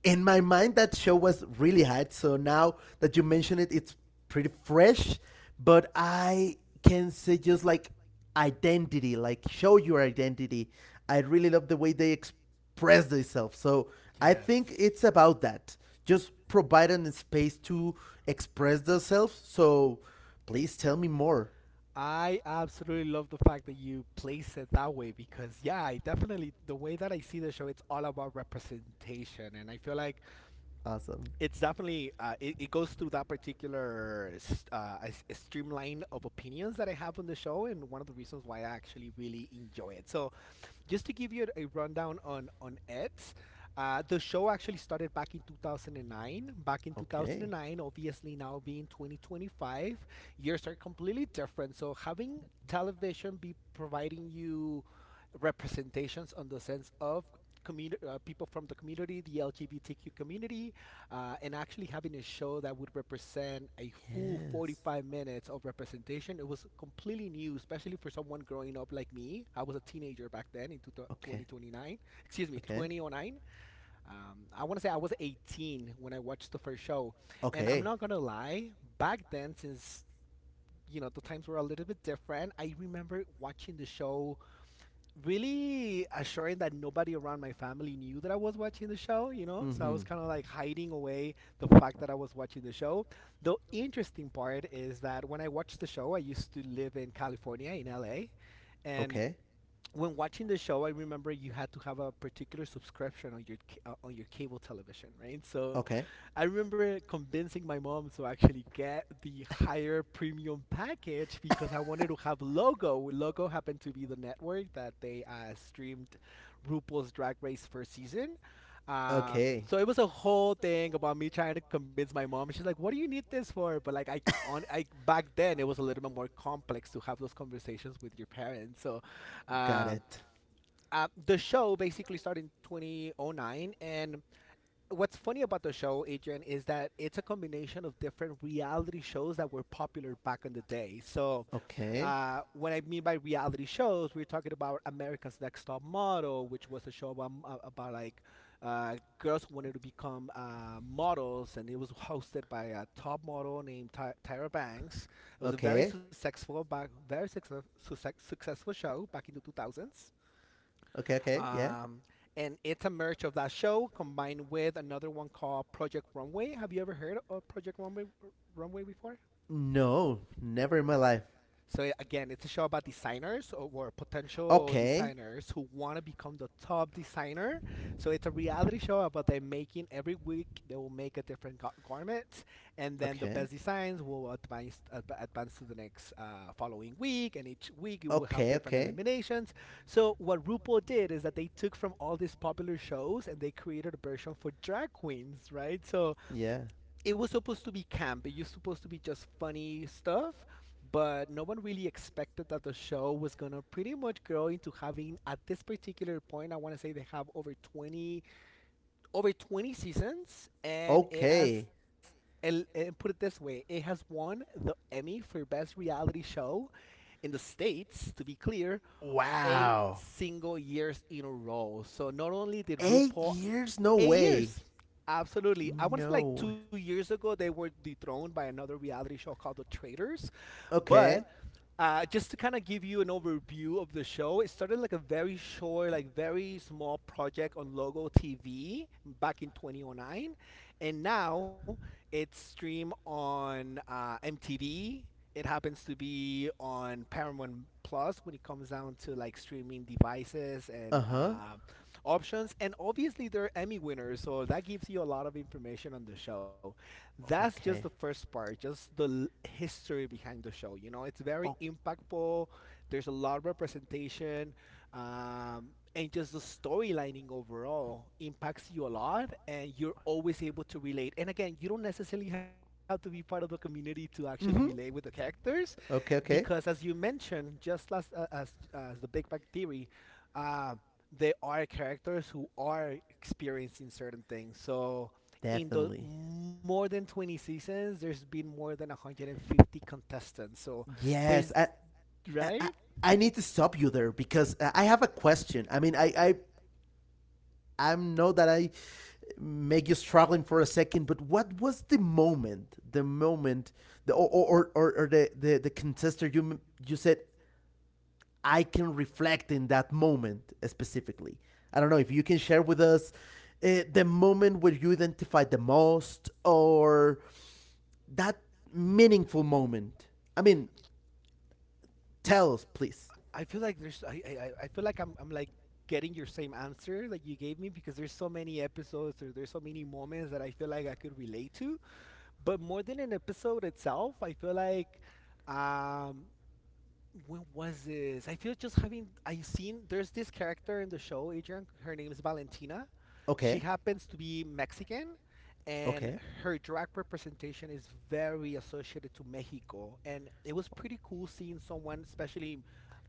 Speaker 2: in my mind that show was really hot. So now that you mention it, it's pretty fresh. But I can say just like identity, like show your identity. I really love the way they express themselves. So I think
Speaker 1: Yes.
Speaker 2: it's about that. Just providing a space to express themselves. So please tell me more.
Speaker 1: I absolutely love the fact that you place it that way because, yeah, I definitely, the way that I see the show, it's all about representation. And I feel like
Speaker 2: Awesome.
Speaker 1: it's definitely uh, it, it goes through that particular s- uh, s- streamline of opinions that I have on the show, and one of the reasons why I actually really enjoy it. So just to give you a rundown on on it, uh, the show actually started back in two thousand nine. back in
Speaker 2: Okay.
Speaker 1: 2009 Obviously now being twenty twenty-five, years are completely different. So having television be providing you representations on the sense of community, uh, people from the community, the LGBTQ community, uh, and actually having a show that would represent a full
Speaker 2: Yes.
Speaker 1: forty-five minutes of representation. It was completely new, especially for someone growing up like me. I was a teenager back then in
Speaker 2: Okay.
Speaker 1: twenty twenty-nine, excuse me,
Speaker 2: Okay.
Speaker 1: twenty oh nine. Um, I want to say I was eighteen when I watched the first show. And I'm
Speaker 2: Okay.
Speaker 1: not going to lie, back then, since, you know, the times were a little bit different, I remember watching the show really assuring that nobody around my family knew that I was watching the show, you know? So I was
Speaker 2: Mhm.
Speaker 1: kind of like hiding away the fact that I was watching the show. The interesting part is that when I watched the show, I used to live in California, in L A.
Speaker 2: L A.
Speaker 1: And
Speaker 2: Okay.
Speaker 1: when watching the show, I remember you had to have a particular subscription on your ca- uh, on your cable television, right? So
Speaker 2: Okay.
Speaker 1: I remember convincing my mom to actually get the higher premium package because I wanted to have Logo. Logo happened to be the network that they uh, streamed RuPaul's Drag Race first season.
Speaker 2: Okay.
Speaker 1: Um, so it was a whole thing about me trying to convince my mom. She's like, "What do you need this for?" But like, I on I back then it was a little bit more complex to have those conversations with your parents. So,
Speaker 2: Got um, it.
Speaker 1: um, uh, the show basically started in two thousand nine. And what's funny about the show, Adrian, is that it's a combination of different reality shows that were popular back in the day. So,
Speaker 2: Okay.
Speaker 1: uh, what I mean by reality shows, we're talking about America's Next Top Model, which was a show about, about like uh, girls who wanted to become uh, models, and it was hosted by a top model named Ty- Tyra Banks. It was a very successful, back, very success, success, successful show back in the two thousands.
Speaker 2: Okay, okay. Yeah.
Speaker 1: Um, and it's a merge of that show combined with another one called Project Runway. Have you ever heard of Project Runway Runway before?
Speaker 2: No, never in my life.
Speaker 1: So yeah, again, it's a show about designers, or, or potential
Speaker 2: Okay.
Speaker 1: designers who want to become the top designer. So it's a reality show about them making, every week they will make a different ga- garment, and then the
Speaker 2: Okay.
Speaker 1: best designs will advance, adv- advance to the next uh, following week, and each week you will have
Speaker 2: Okay,
Speaker 1: different
Speaker 2: okay.
Speaker 1: eliminations. So what RuPaul did is that they took from all these popular shows and they created a version for drag queens, right? So
Speaker 2: Yeah.
Speaker 1: it was supposed to be camp. It was supposed to be just funny stuff, but no one really expected that the show was gonna pretty much grow into having at this particular point. I want to say they have over twenty over twenty seasons, and it has.
Speaker 2: Okay.
Speaker 1: And, and put it this way, it has won the Emmy for Best Reality Show in the States, to be clear, eight
Speaker 2: Wow.
Speaker 1: single years in a row. So not only did
Speaker 2: Eight
Speaker 1: RuPaul
Speaker 2: years? No
Speaker 1: eight
Speaker 2: way.
Speaker 1: years. Absolutely. I want to say like
Speaker 2: No.
Speaker 1: two years ago, they were dethroned by another reality show called The Traitors. But
Speaker 2: Okay.
Speaker 1: uh, just to kind of give you an overview of the show, it started like a very short, like very small project on Logo T V back in two thousand nine, and now it's streamed on uh, M T V. It happens to be on Paramount Plus when it comes down to like streaming devices and
Speaker 2: Huh.
Speaker 1: um, options, and obviously they're Emmy winners, so that gives you a lot of information on the show. That's just the
Speaker 2: Okay.
Speaker 1: first part, just the l- history behind the show. You know, it's very
Speaker 2: Oh.
Speaker 1: impactful. There's a lot of representation, um, and just the storylining overall impacts you a lot, and you're always able to relate. And again, you don't necessarily have to be part of the community to actually relate with the
Speaker 2: Mm-hmm.
Speaker 1: characters,
Speaker 2: Okay,
Speaker 1: because as
Speaker 2: okay.
Speaker 1: you mentioned, just as uh, as as the Big Bang Theory, um, there are characters who are experiencing certain things. So in the
Speaker 2: Definitely.
Speaker 1: more than twenty seasons, there's been more than one hundred fifty contestants. So there's
Speaker 2: Yes, I, I, I-
Speaker 1: right.
Speaker 2: I need to stop you there because I I have a question. I mean, I, I, I know that I make you struggling for a second, but what was the moment, the moment, the or or or, or the, the the contester you m- you said I can reflect in that moment specifically. I don't know if you can share with us uh, the moment where you identified the most or that meaningful moment. I mean, tell us, please.
Speaker 1: I feel like there's I I, I- I feel like I'm I'm like getting your same answer that you gave me because there's so many episodes or there's so many moments that I feel like I could relate to. But more than an episode itself, I feel like um when was this? I feel just having I seen there's this character in the show, Adrian. Her name is Valentina. She
Speaker 2: Okay.
Speaker 1: happens to be Mexican, and
Speaker 2: Okay.
Speaker 1: her drag representation is very associated to Mexico. And it was pretty cool seeing someone, especially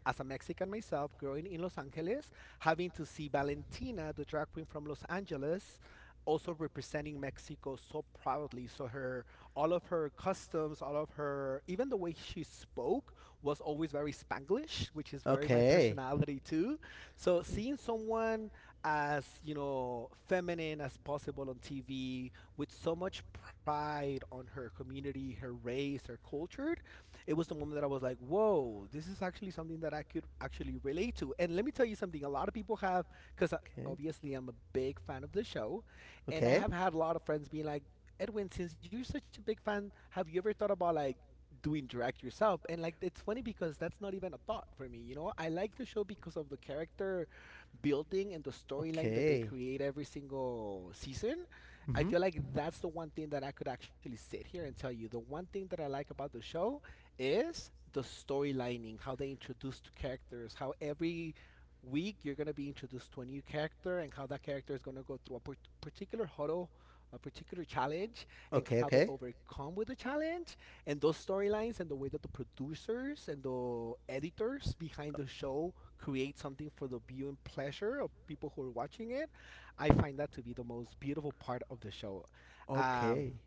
Speaker 1: as a Mexican myself, growing in Los Angeles, having to see Valentina, the drag queen from Los Angeles, also representing Mexico so proudly. So her all of her customs, all of her even the way she spoke was always very Spanglish, which is very my
Speaker 2: Okay.
Speaker 1: personality too. So seeing someone as you know feminine as possible on T V with so much pride on her community, her race, her culture, it was the moment that I was like, whoa, this is actually something that I could actually relate to. And let me tell you something: a lot of people have because. Obviously, I'm a big fan of the show, and I
Speaker 2: Okay.
Speaker 1: have had a lot of friends being like, Edwin, since you're such a big fan, have you ever thought about like doing direct yourself, and like it's funny because that's not even a thought for me. You know, I like the show because of the character building and the storyline that they
Speaker 2: Okay.
Speaker 1: create every single season. I
Speaker 2: Mm-hmm.
Speaker 1: feel like that's the one thing that I could actually sit here and tell you. The one thing that I like about the show is the storylining, how they introduce the characters, how every week you're going to be introduced to a new character and how that character is going to go through a par- particular huddle, a particular challenge, and how
Speaker 2: Okay,
Speaker 1: they
Speaker 2: okay.
Speaker 1: overcome with the challenge, and those storylines and the way that the producers and the editors behind the show create something for the viewing pleasure of people who are watching it. I find that to be the most beautiful part of the show. Um,
Speaker 2: Okay.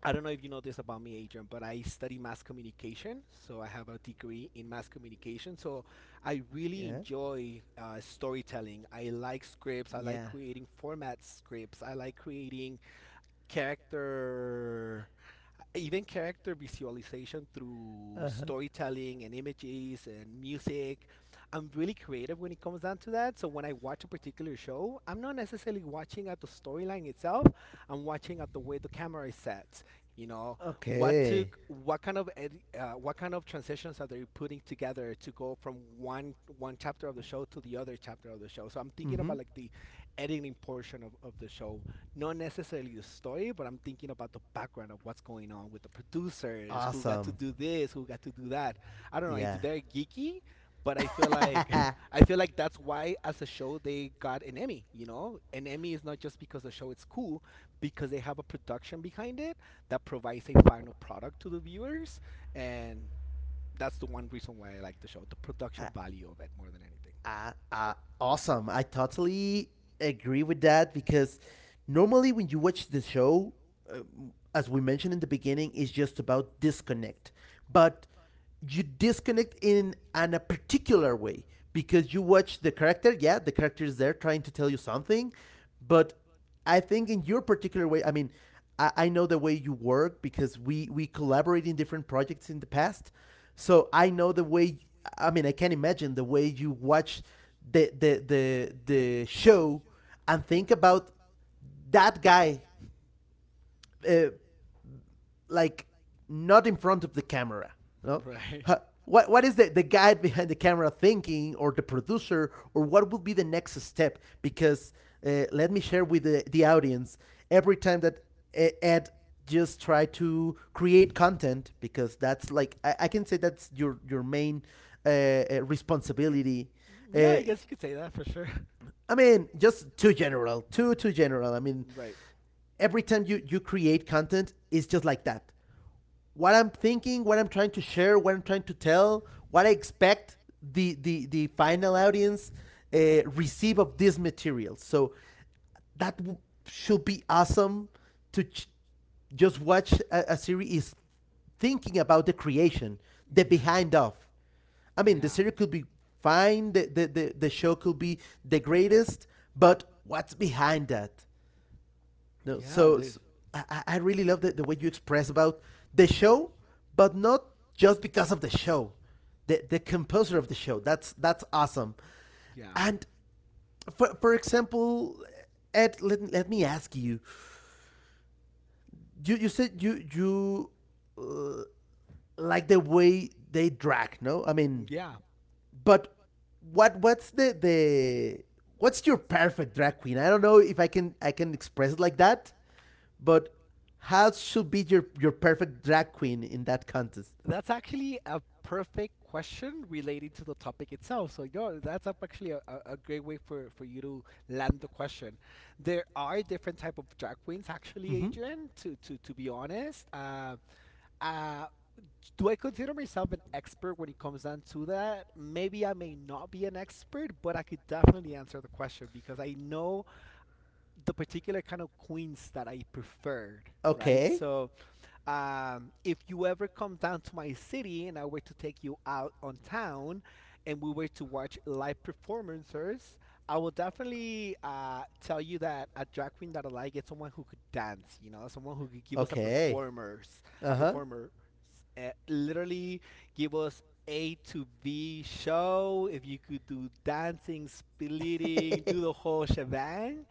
Speaker 1: I don't know if you know this about me, Adrian, but I study mass communication. So I have a degree in mass communication. So I really
Speaker 2: Yeah.
Speaker 1: enjoy uh, storytelling. I like scripts. I like
Speaker 2: Yeah.
Speaker 1: creating format scripts. I like creating character, even character visualization through
Speaker 2: Uh huh.
Speaker 1: storytelling and images and music. I'm really creative when it comes down to that. So when I watch a particular show, I'm not necessarily watching at the storyline itself. I'm watching at the way the camera is set. You know, what took
Speaker 2: Okay.
Speaker 1: what kind of edi- uh, what kind of transitions are they putting together to go from one one chapter of the show to the other chapter of the show. So I'm
Speaker 2: Mm
Speaker 1: thinking
Speaker 2: hmm.
Speaker 1: about like the editing portion of, of the show, not necessarily the story, but I'm thinking about the background of what's going on with the producers, who got to
Speaker 2: Awesome.
Speaker 1: do this, who got to do that. I don't know. It's
Speaker 2: Yeah.
Speaker 1: very geeky, but I feel like I feel like that's why as a show they got an Emmy. You know, an Emmy is not just because the show is cool, because they have a production behind it that provides a final product to the viewers, and that's the one reason why I like the show, the
Speaker 2: I,
Speaker 1: production value of it more than anything.
Speaker 2: Uh, uh, Awesome. I totally agree with that because normally when you watch the show, uh, as we mentioned in the beginning, it's just about disconnect. But you disconnect in an, a particular way because you watch the character. Yeah, the character is there trying to tell you something, but I think in your particular way, I mean, I, I know the way you work because we we collaborate in different projects in the past, so I know the way. I mean, I can imagine the way you watch the the the the show and think about that guy, uh, like not in front of the camera. No.
Speaker 1: Right.
Speaker 2: Huh, what what is the the guy behind the camera thinking, or the producer, or what would be the next step? Because uh, let me share with the, the audience every time that E- Ed just try to create content because that's like I, I can say that's your your main uh,
Speaker 1: uh, uh,
Speaker 2: uh, responsibility.
Speaker 1: Yeah,
Speaker 2: Uh,
Speaker 1: I guess you could say that for sure.
Speaker 2: I mean,
Speaker 1: I
Speaker 2: just too general, too too general. I mean,
Speaker 1: Right.
Speaker 2: every time you you create content, it's just like that what I'm thinking, what I'm trying to share, what I'm trying to tell, what I expect the the the final audience uh, receive of this material. So that w- should be awesome to ch- just watch a, a series is thinking about the creation, the
Speaker 1: the
Speaker 2: behind of. I
Speaker 1: the,
Speaker 2: mean, the
Speaker 1: Yeah.
Speaker 2: series could be fine, the, the, the, the show could be the greatest, but what's behind that? No,
Speaker 1: Yeah.
Speaker 2: so, so I, I really love the, the way you express about the show, but not just because of the show. The, the composer of the show. That's that's awesome.
Speaker 1: Yeah. like
Speaker 2: And for, for example, Ed, let, let me ask you. You you said you you uh, like the way they drag, no? I
Speaker 1: mean,
Speaker 2: mean,
Speaker 1: Yeah.
Speaker 2: but what what's the the what's your perfect drag queen? I don't know if I can I can express it like that, but how should be your your perfect drag queen in that contest?
Speaker 1: That's actually a perfect question relating to the topic itself. So, no, that's up actually a, a a great way for, for you to land the question. There are different type of drag queens, actually,
Speaker 2: Mm-hmm.
Speaker 1: Adrian. To to to be honest, uh, uh, do I consider myself an expert when it comes down to that? Maybe I may not be an expert, but I could definitely answer the question because I know the particular kind of queens that I preferred. Right,
Speaker 2: Okay.
Speaker 1: so um, if you ever come down to my city and I were to take you out on town and we were to watch live performances, I will definitely uh, tell you that a drag queen that I like is someone who could dance, you know, someone who could give us a
Speaker 2: Okay.
Speaker 1: performers,
Speaker 2: Uh
Speaker 1: a
Speaker 2: huh.
Speaker 1: performer, uh, literally give us A to B show. If you could do dancing, splitting, do the whole shebang,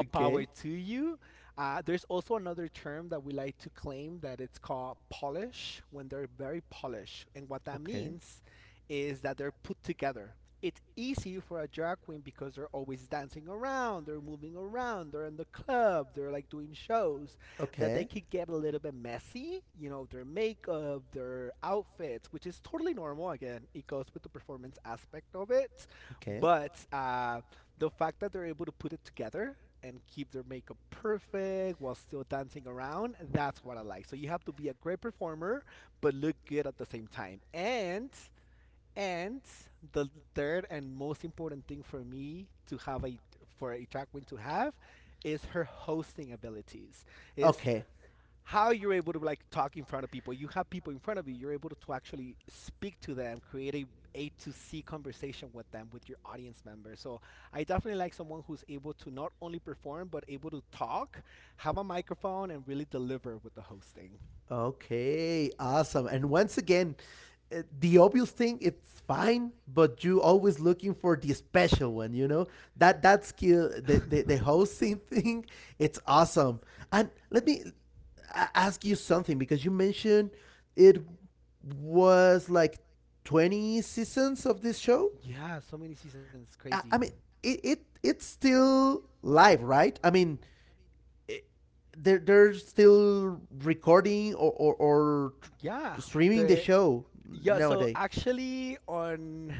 Speaker 2: Okay.
Speaker 1: power
Speaker 2: Okay.
Speaker 1: to you. Uh, there's also another term that we like to claim that it's called polish when they're very polished. And what that
Speaker 2: Okay.
Speaker 1: means is that they're put together. It's easy for a drag queen because they're always dancing around, they're moving around, they're in the club, they're like doing shows, that they could get a little bit messy, you know, their makeup, their outfits, which is totally normal. Again, it goes with the performance aspect of it.
Speaker 2: Okay.
Speaker 1: But uh, the fact that they're able to put it together and keep their makeup perfect while still dancing around. That's what I like. So you have to be a great performer but look good at the same time. And and the third and most important thing for me to have a for a drag queen to have is her hosting abilities. Is
Speaker 2: Okay.
Speaker 1: how you're able to like talk in front of people. You have people in front of you. You're able to, to actually speak to them, create a A to C conversation with them, with your audience members. So I definitely like someone who's able to not only perform but able to talk, have a microphone, and really deliver with the hosting.
Speaker 2: Okay, awesome. And once again, uh, the obvious thing it's fine, but you always looking for the special one. You know that that skill, the the, the hosting thing, it's awesome. And let me a- ask you something because you mentioned it was like twenty seasons of this show.
Speaker 1: Yeah, so many seasons, it's crazy.
Speaker 2: I, I mean, it, it it's still live, right? I mean, it, they're they're still recording or, or or
Speaker 1: Yeah,
Speaker 2: streaming the
Speaker 1: the
Speaker 2: show
Speaker 1: yeah. So
Speaker 2: nowadays.
Speaker 1: actually, on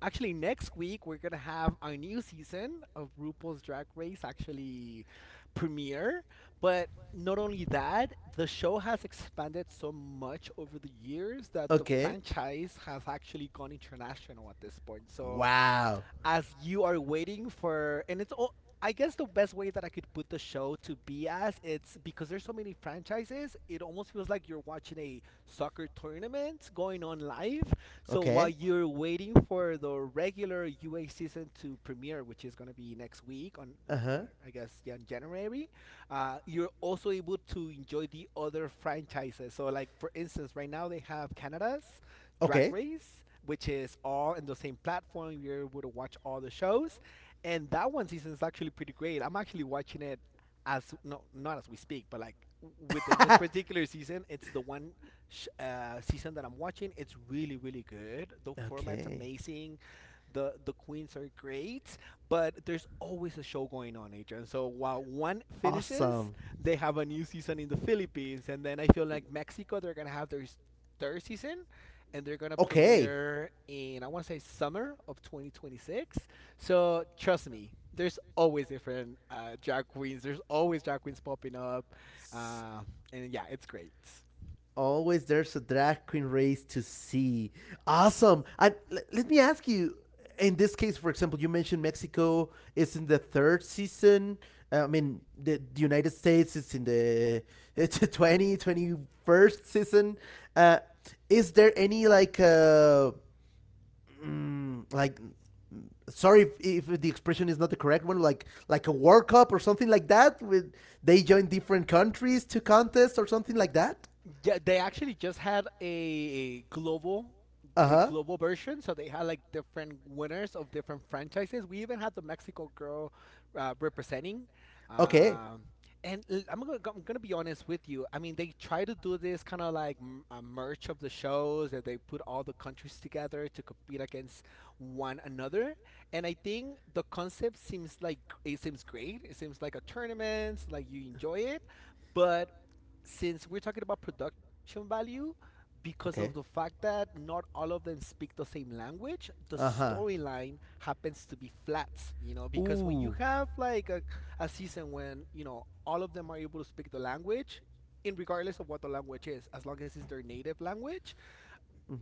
Speaker 1: actually next week we're gonna have our new season of RuPaul's Drag Race actually premiere. But not only that, the show has expanded so much over the years that the
Speaker 2: Okay.
Speaker 1: franchise has actually gone international at this point. So
Speaker 2: Wow.
Speaker 1: as you are waiting for, and it's all, I guess the best way that I could put the show to be as it's because there's so many franchises, it almost feels like you're watching a soccer tournament going on live. So while
Speaker 2: Okay.
Speaker 1: you're waiting for the regular U A season to premiere, which is going to be next week on,
Speaker 2: Uh
Speaker 1: on uh,
Speaker 2: huh.
Speaker 1: I guess yeah, in January, uh, you're also able to enjoy the other franchises. So like for instance, right now they have Canada's Drag
Speaker 2: Okay.
Speaker 1: Race, which is all in the same platform. You're able to watch all the shows, and that one season is actually pretty great. I'm actually watching it as, no, not as we speak, but like within this particular season, it's the one sh- uh, season that I'm watching. It's really, really good. The format's
Speaker 2: Okay.
Speaker 1: amazing, the the queens are great, but there's always a show going on, Adrian. So while one finishes,
Speaker 2: Awesome.
Speaker 1: they have a new season in the Philippines, and then I feel like Mexico they're gonna have their s- third season, and they're gonna
Speaker 2: Okay,
Speaker 1: premiere in, I want to say, summer of twenty twenty-six. So trust me. There's always different uh, drag queens. There's always drag queens popping up, uh, and yeah, it's
Speaker 2: it's
Speaker 1: great.
Speaker 2: it's... always there's a drag queen race to see. Awesome. And l- let me ask you in this case, for example, you mentioned Mexico is in the third season. Uh, I mean, the, the United States is in the it's the twenty twenty first season. Uh, is there any like uh, mm, like sorry if, if the expression is not the correct one like like a world cup or something like that with they join different countries to contest or something like that.
Speaker 1: Yeah, they actually just had a global a
Speaker 2: Uh-huh.
Speaker 1: global version, so they had like different winners of different franchises. We even had the Mexico girl uh, representing.
Speaker 2: Okay.
Speaker 1: Um, and l- I'm gonna I'm gonna be honest with you. I mean, they try to do this kind of like m- a merge of the shows, and they put all the countries together to compete against one another. And I think the concept seems like it seems great. It seems like a tournament, so, like you enjoy it, but since we're talking about production value, because of the
Speaker 2: Okay.
Speaker 1: fact that not all of them speak the same language, the
Speaker 2: Uh-huh.
Speaker 1: storyline happens to be flats, you know, because when you
Speaker 2: Ooh.
Speaker 1: have like a, a season when, you know, all of them are able to speak the language, in regardless of what the language is, as long as it's their native language,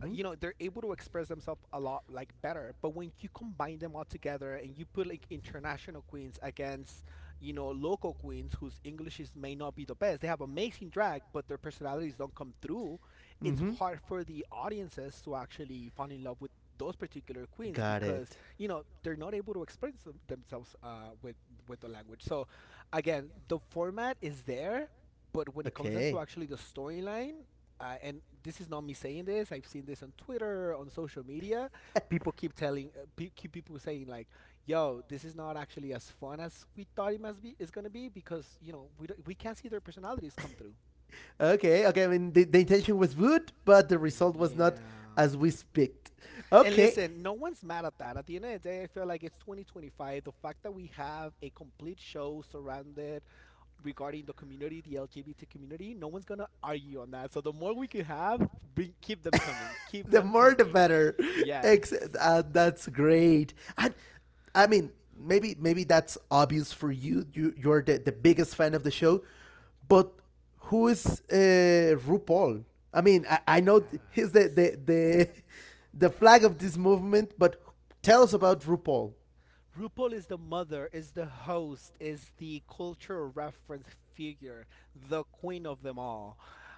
Speaker 1: uh, you know they're able to express themselves a lot like better. But when you combine them all together and you put like international queens against you know local queens whose englishes may not be the best, they have amazing drag but their personalities don't come through. It's
Speaker 2: Mm-hmm.
Speaker 1: hard for the audiences to actually fall in love with those particular queens
Speaker 2: Got
Speaker 1: because
Speaker 2: it.
Speaker 1: you know they're not able to express them- themselves uh, with with the language. So again, the format is there, but when it comes down to
Speaker 2: Okay.
Speaker 1: actually the storyline uh, and this is not me saying this. I've seen this on Twitter, on social media. People keep telling, uh, pe- keep people saying like, "Yo, this is not actually as fun as we thought it must be. Is gonna be because you know we don't, we can't see their personalities come through."
Speaker 2: Okay, okay. I mean, the, the intention was good, but the
Speaker 1: were
Speaker 2: result was not
Speaker 1: Yeah.
Speaker 2: as we speaked.
Speaker 1: And
Speaker 2: Okay.
Speaker 1: listen, no one's mad at that. At the end of the day, I feel like it's twenty twenty-five. The fact that we have a complete show surrounded regarding the community, the L G B T community, no one's gonna argue on that. So the more we can have, bring keep them coming, keep
Speaker 2: The
Speaker 1: them
Speaker 2: more the
Speaker 1: coming.
Speaker 2: better.
Speaker 1: Yes.
Speaker 2: Ex- uh, that's great. And I mean, maybe maybe that's obvious for you. You you're the, the biggest fan of the show, but who is uh, RuPaul? I mean, I,
Speaker 1: Uh,
Speaker 2: I know he's the
Speaker 1: Yes.
Speaker 2: the the the flag of this movement, but tell us about RuPaul.
Speaker 1: RuPaul is the mother, is the host, is the cultural reference figure, the queen of them all.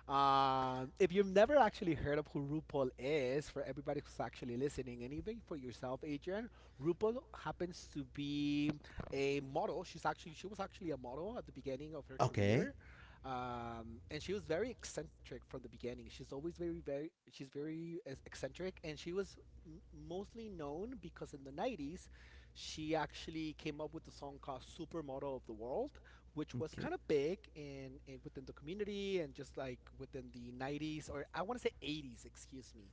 Speaker 1: Uh, if you've never actually heard of who RuPaul is, for everybody who's actually listening, and even for yourself, Adrian, RuPaul happens to be a model. She's actually she was actually a model at the beginning of her
Speaker 2: Okay.
Speaker 1: career, um, and she was very eccentric from the beginning. She's always very very she's very ex- eccentric, and she was m- mostly known because in the nineties she actually came up with the song called Supermodel of the World, which was
Speaker 2: Okay.
Speaker 1: kind of big in, in within the community and just like within the nineties or I want to say eighties, excuse me.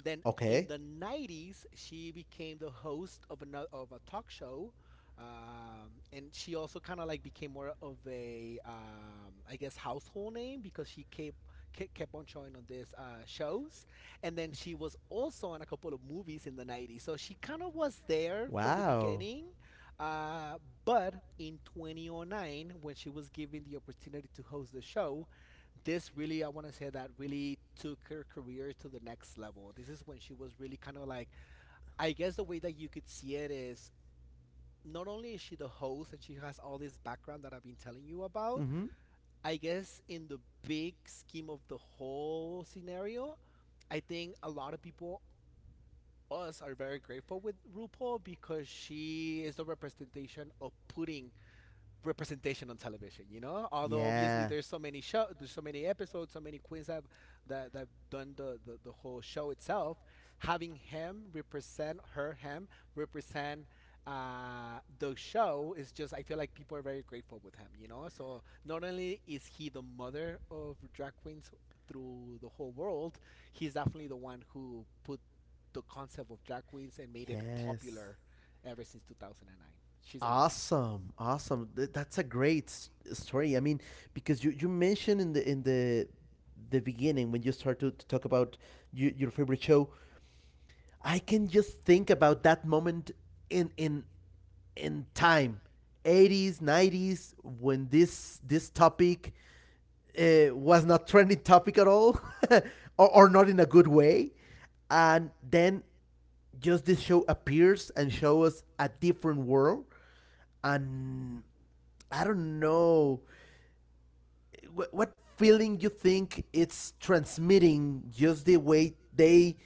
Speaker 1: Then in
Speaker 2: Okay.
Speaker 1: the nineties, she became the host of another of a talk show, um, and she also kind of like became more of a, um, I guess, household name because she kept ke- kept on showing on these uh, shows, and then
Speaker 2: Okay.
Speaker 1: she was also in a couple of movies in the nineties. So she kind of was there from the
Speaker 2: Wow.
Speaker 1: beginning, uh, but in two thousand nine, when she was given the opportunity to host the show, this really, I want to say that really took her career to the next level. This is when she was really kind of like, I guess the way that you could see it is not only is she the host and she has all this background that I've been telling you about,
Speaker 2: Mm-hmm.
Speaker 1: I guess in the big scheme of the whole scenario, I think a lot of people, us, are very grateful with RuPaul because she is the representation of putting representation on television. You know, although obviously
Speaker 2: Yeah.
Speaker 1: there's so many show, there's so many episodes, so many queens have that that done the, the the whole show itself, having him represent her him represent uh the show is just, I feel like people are very grateful with him, you know. So not only is he the mother of drag queens through the whole world, he's definitely the one who put the concept of drag queens and made it
Speaker 2: Yes.
Speaker 1: popular ever since two thousand nine. She's amazing.
Speaker 2: Awesome, awesome. Th- That's a great s- story. I mean, because you, you mentioned in the in the the beginning when you start to, to talk about you, your favorite show, I can just think about that moment in in in time, eighties, nineties, when this this topic uh, was not trending topic at all, or, or not in a good way, and then just this show appears and shows us a different world and I don't know what, feeling you think it's transmitting just the way they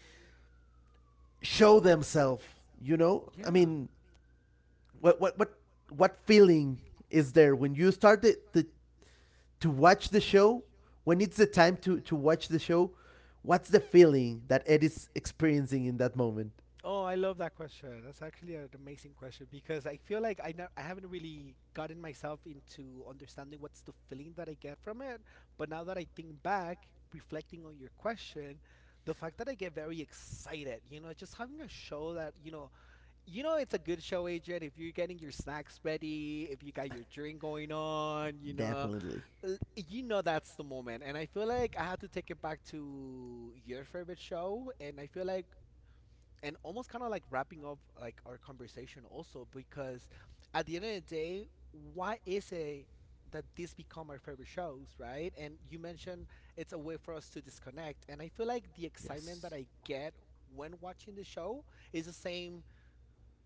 Speaker 2: show themselves. You know, I
Speaker 1: Yeah.
Speaker 2: mean, what what what what feeling is there when you start the, the to watch the show? When it's the time to to watch the show, what's the feeling that Ed is experiencing in that moment?
Speaker 1: Oh, I love that question. That's actually an amazing question because I feel like I, not, I haven't really gotten myself into understanding what's the feeling that I get from it. But now that I think back, reflecting on your question, the fact that I get very excited, you know, just having a show that, you know, you know it's a good show agent if you're getting your snacks ready, if you got your drink going on, you know,
Speaker 2: Definitely,
Speaker 1: l- you know that's the moment. And I feel like I have to take it back to your favorite show, and I feel like and almost kind of like wrapping up like our conversation also because at the end of the day, why is it that these become our favorite shows, right? And you mentioned it's a way for us to disconnect, and I feel like the excitement
Speaker 2: yes.
Speaker 1: that I get when watching the show is the same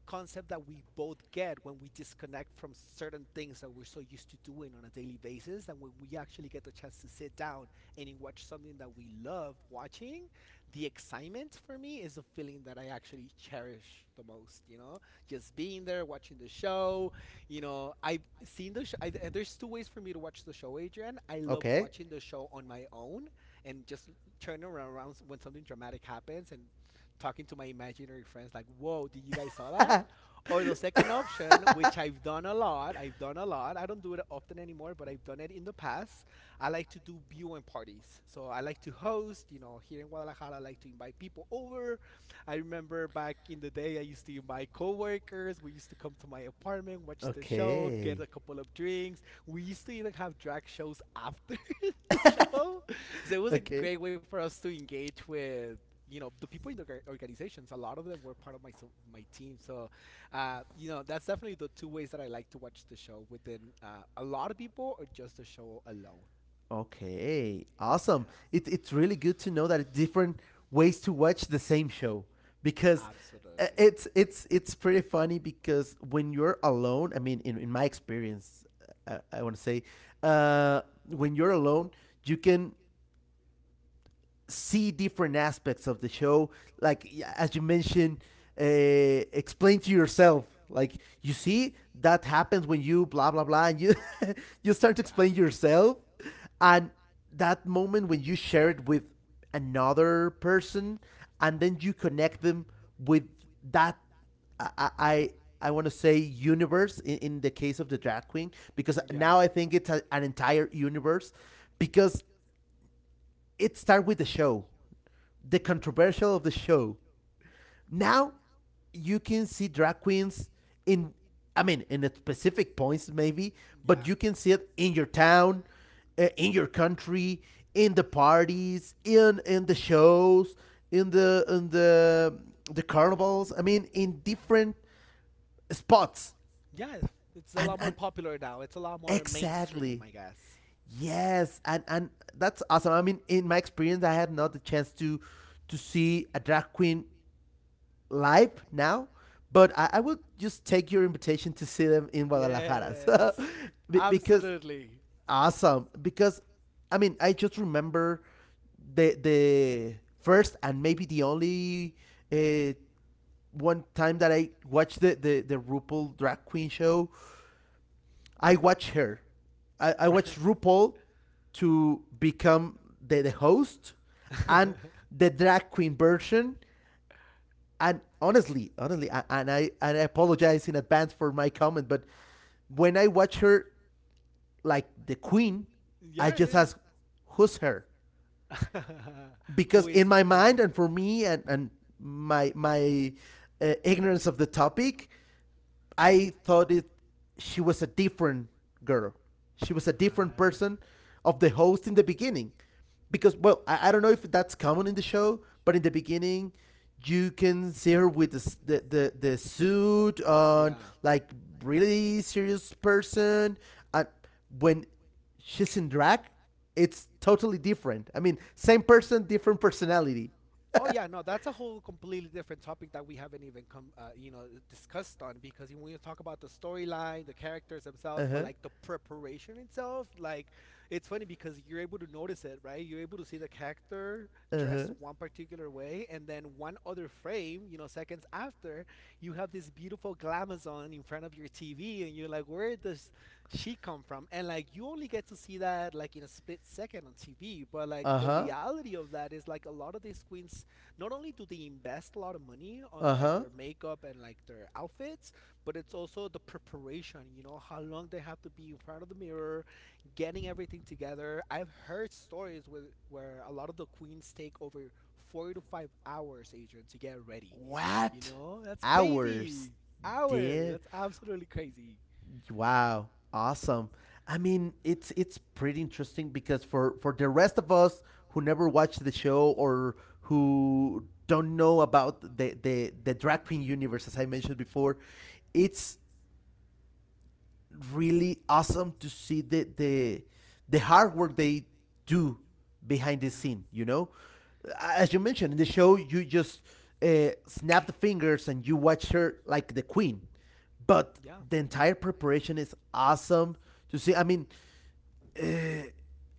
Speaker 1: concept that we both get when we disconnect from certain things that we're so used to doing on a daily basis, and when we actually get the chance to sit down and watch something that we love watching, the excitement for me is a feeling that I actually cherish the most, you know, just being there watching the show. You know, I've seen the show, I, there's two ways for me to watch the show, Adrian. I love
Speaker 2: Okay,
Speaker 1: watching the show on my own and just turning around when something dramatic happens and talking to my imaginary friends like, "Whoa, did you guys saw that?" Or the second option, which I've done a lot. I've done a lot. I don't do it often anymore, but I've done it in the past. I like to do viewing parties. So I like to host, you know, here in Guadalajara, I like to invite people over. I remember back in the day, I used to invite coworkers. We used to come to my apartment, watch the show, get
Speaker 2: okay,
Speaker 1: a couple of drinks. We used to even have drag shows after. the show. So it was a
Speaker 2: okay.
Speaker 1: great way for us to engage with you know the people in the orga- organizations. A lot of them were part of my so- my team. So uh, you know that's definitely the two ways that I like to watch the show, within uh, a lot of people or just the show alone.
Speaker 2: Okay, awesome. It, it's
Speaker 1: Yeah,
Speaker 2: really good to know that different ways
Speaker 1: podcasts,
Speaker 2: to watch the same show because uh,
Speaker 1: absolutely.
Speaker 2: it's it's it's pretty funny because when you're alone, I mean, in, in my experience, uh, I want to say, uh, when you're alone, you can see different aspects of the show. Like as you mentioned, uh, explain to yourself. Like you see that happens when you blah blah blah, and you you
Speaker 1: Sort
Speaker 2: start to
Speaker 1: yeah
Speaker 2: explain yourself, and that moment when you share it with another person, and then you connect them with that. I I, I want to say universe in, in the case of the drag queen because
Speaker 1: yeah
Speaker 2: now I think it's a, an entire universe because it starts with the show the controversial of the show. Now you can see drag queens in I mean in specific points maybe,
Speaker 1: yeah
Speaker 2: but you can see it in your town, uh, in your country, in the parties, in in the shows, in the in the the carnivals. I mean in
Speaker 1: yeah.
Speaker 2: different spots.
Speaker 1: Yeah, it's a
Speaker 2: And
Speaker 1: lot more
Speaker 2: and
Speaker 1: popular now. It's a lot more mainstream,
Speaker 2: exactly.
Speaker 1: I guess.
Speaker 2: Yes, and and that's awesome. I mean in my experience I had not the chance to to see a drag queen live now, but I, I will just take your invitation to see them in Guadalajara. So,
Speaker 1: Yes,
Speaker 2: because
Speaker 1: absolutely.
Speaker 2: awesome. Because I mean, I just remember the the first and maybe the only uh, one time that I watched the, the the RuPaul drag queen show. I watched her. I, I watched
Speaker 1: Right.
Speaker 2: RuPaul to become the, the host and the drag queen version and honestly, honestly, I- and I and I apologize in advance for my comment, but when I watch her like the queen, I
Speaker 1: Yeah,
Speaker 2: just
Speaker 1: yeah,
Speaker 2: ask, who's her?
Speaker 1: yeah. Who
Speaker 2: Because
Speaker 1: is
Speaker 2: in
Speaker 1: this
Speaker 2: my
Speaker 1: queen?
Speaker 2: mind and for me and and my my uh, ignorance of the topic, I thought it she was a different girl. She was a different person
Speaker 1: Right.
Speaker 2: of the host in the beginning. Because well, I, I don't know if that's common in the show, but in the beginning you can see her with the the, the, the suit on
Speaker 1: Yeah.
Speaker 2: like really serious person and when she's in drag it's totally different. I mean, same person, different personality.
Speaker 1: Oh yeah, no, that's a whole completely different topic that we haven't even come, uh, you know, discussed on because you want to talk about the storyline, the characters themselves, but
Speaker 2: Uh-huh.
Speaker 1: like the preparation itself, like it's funny because you're able to notice it, right? You're able to see the character dressed
Speaker 2: Uh-huh.
Speaker 1: one particular way, and then one other frame, you know, seconds after, you have this beautiful glamazon in front of your T V, and you're like, where does she come from? And like you only get to see that like in a split second on T V, but like the
Speaker 2: Uh-huh.
Speaker 1: reality of that is like a lot of these queens not only do they invest a lot of money on like
Speaker 2: Uh-huh.
Speaker 1: their makeup and like their outfits, but it's also the preparation, you know, how long they have to be in front of the mirror, getting everything together. I've heard stories with where a lot of the queens take over four to five hours, Adrian, to get ready. You
Speaker 2: What?
Speaker 1: know? That's
Speaker 2: Hours.
Speaker 1: crazy. Hour.
Speaker 2: Dear.
Speaker 1: That's absolutely crazy.
Speaker 2: Wow. Awesome. I mean, it's it's pretty interesting because for for the rest of us who never watched the show or who don't know about the the, the drag queen universe, as I mentioned before, it's really awesome to see the the the hard work they do behind the
Speaker 1: Yeah.
Speaker 2: scene. You know, as you mentioned in the show, you just uh, snap the fingers and you watch her like the queen, but
Speaker 1: Yeah.
Speaker 2: the entire preparation is awesome to see. I mean,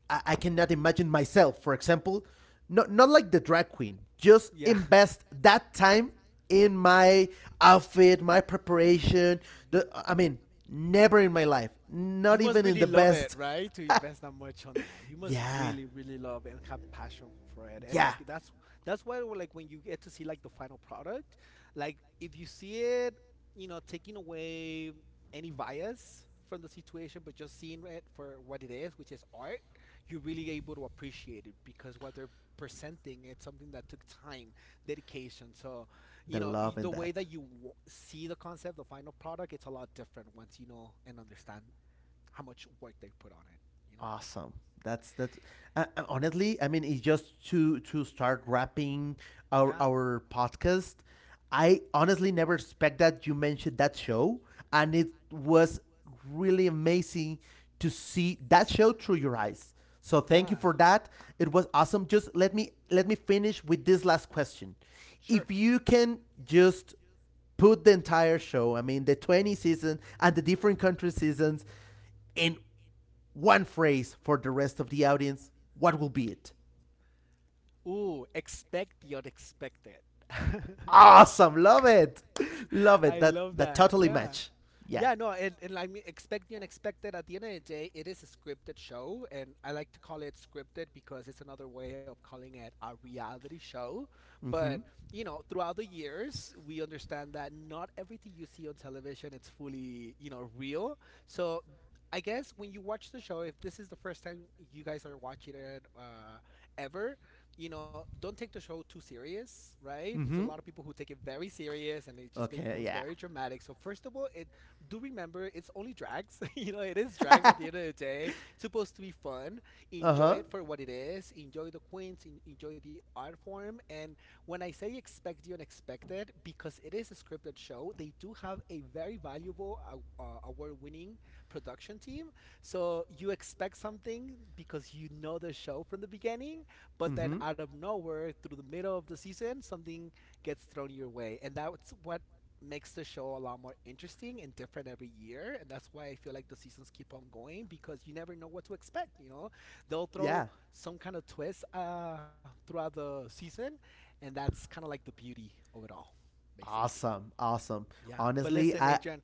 Speaker 2: I, I cannot imagine myself, for example, not not like the drag queen. Just
Speaker 1: Yeah.
Speaker 2: invest that time in my outfit, my preparation. The
Speaker 1: Yeah.
Speaker 2: I mean, never in my life.
Speaker 1: You
Speaker 2: Not
Speaker 1: must
Speaker 2: even in
Speaker 1: really
Speaker 2: the
Speaker 1: love it,
Speaker 2: best.
Speaker 1: right? To invest that much on that. You must
Speaker 2: Yeah,
Speaker 1: really, really love and have passion for it. And like
Speaker 2: yeah,
Speaker 1: that's that's why like when you get to see like the final product, like if you see it, you know, taking away any bias from the situation, but just seeing it for what it is, which is art, you're really able to appreciate it because what they're presenting it's something that took time, dedication. So, you
Speaker 2: the
Speaker 1: know, y-
Speaker 2: love
Speaker 1: the
Speaker 2: in
Speaker 1: way that
Speaker 2: that.
Speaker 1: you w- see the concept, the final product, it's a lot different once you know and understand how much work they put on it. You know?
Speaker 2: Awesome. That's that's uh, uh, honestly, I mean, it's just to to start wrapping
Speaker 1: Yeah,
Speaker 2: our our podcast. I honestly never expect that you mentioned that show and it was really amazing to see that show through your eyes, so thank you
Speaker 1: yeah,
Speaker 2: for that. It was awesome. Just let me let me finish with this last question.
Speaker 1: sure.
Speaker 2: If you can just put the entire show, I mean, the twenty season and the different country seasons in one phrase for the rest of the audience, what will be it?
Speaker 1: Ooh, expect the unexpected.
Speaker 2: Awesome, love it, love it.
Speaker 1: I love
Speaker 2: That that
Speaker 1: that.
Speaker 2: totally
Speaker 1: Yeah.
Speaker 2: match. Yeah.
Speaker 1: Yeah, no, and, and I mean, expect the unexpected. At the end of the day, it is a scripted show, and I like to call it scripted because it's another way of calling it a reality show. But
Speaker 2: Mm-hmm.
Speaker 1: you know, throughout the years, we understand that not everything you see on television it's fully you know real. So I guess when you watch the show, if this is the first time you guys are watching it uh, ever, you know, don't take the show too serious, right? There's a
Speaker 2: Mm-hmm.
Speaker 1: lot of people who take it very serious and it just
Speaker 2: Okay.
Speaker 1: becomes very dramatic. So first of all, it do remember it's only drags. You know, it is
Speaker 2: Yeah.
Speaker 1: drags at the end of the day. It's supposed to be fun.
Speaker 2: Uh
Speaker 1: Enjoy
Speaker 2: huh.
Speaker 1: it for what it is. Enjoy the queens, en- enjoy the art form. And when I say expect the unexpected, because it is a scripted show, they do have a very valuable uh, uh, award-winning production team. So you expect something because you know the show from the beginning,
Speaker 2: Mm
Speaker 1: but then
Speaker 2: hmm.
Speaker 1: out of nowhere, through the middle of the season, something gets thrown your way, and that's what makes the show a lot more interesting and different every year. And that's why I feel like the seasons keep on going, because you never know what to expect you know They'll throw
Speaker 2: Yeah.
Speaker 1: some kind of twist uh, throughout the season, and that's kind of like the beauty of it all, basically.
Speaker 2: Awesome. Awesome.
Speaker 1: Yeah, but
Speaker 2: Honestly,
Speaker 1: listen,
Speaker 2: I
Speaker 1: Adrian.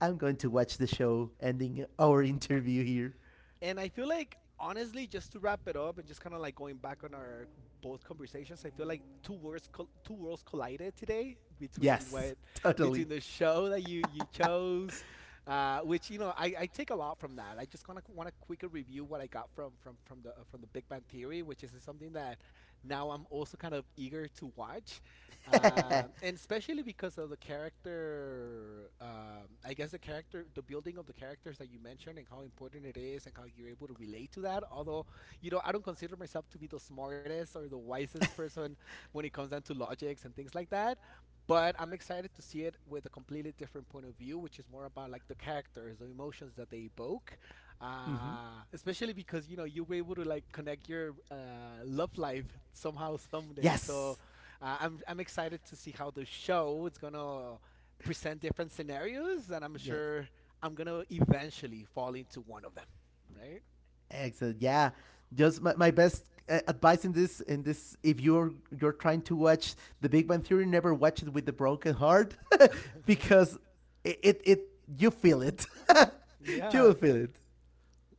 Speaker 2: I'm going to watch the show ending our interview here.
Speaker 1: And I feel like, honestly, just to wrap it up and just kind of like going back on our both conversations, I feel like two worlds col- two worlds collided today between
Speaker 2: Yes,
Speaker 1: what, between
Speaker 2: totally.
Speaker 1: the show that you you chose, uh, which you know I, I take a lot from that. I just kind of want to quickly review what I got from from from the uh, from the Big Bang Theory, which is something that now I'm also kind of eager to watch. Um, and especially because of the character, um, I guess the character, the building of the characters that you mentioned and how important it is and how you're able to relate to that. Although, you know, I don't consider myself to be the smartest or the wisest person when it comes down to logics and things like that. But I'm excited to see it with a completely different point of view, which is more about like the characters, the emotions that they evoke.
Speaker 2: Hmm.
Speaker 1: Uh, especially because, you know, you were able to like connect your uh, love life somehow someday. So
Speaker 2: Yes.
Speaker 1: uh, I'm I'm excited to see how the show is gonna present different scenarios, and I'm
Speaker 2: Yes.
Speaker 1: sure I'm gonna eventually fall into one of them, right?
Speaker 2: Excellent. Yeah, just my, my best uh, advice in this in this if you're you're trying to watch The Big Bang Theory, never watch it with a broken heart. Because it, it it you feel it. You
Speaker 1: Yeah.
Speaker 2: will feel it.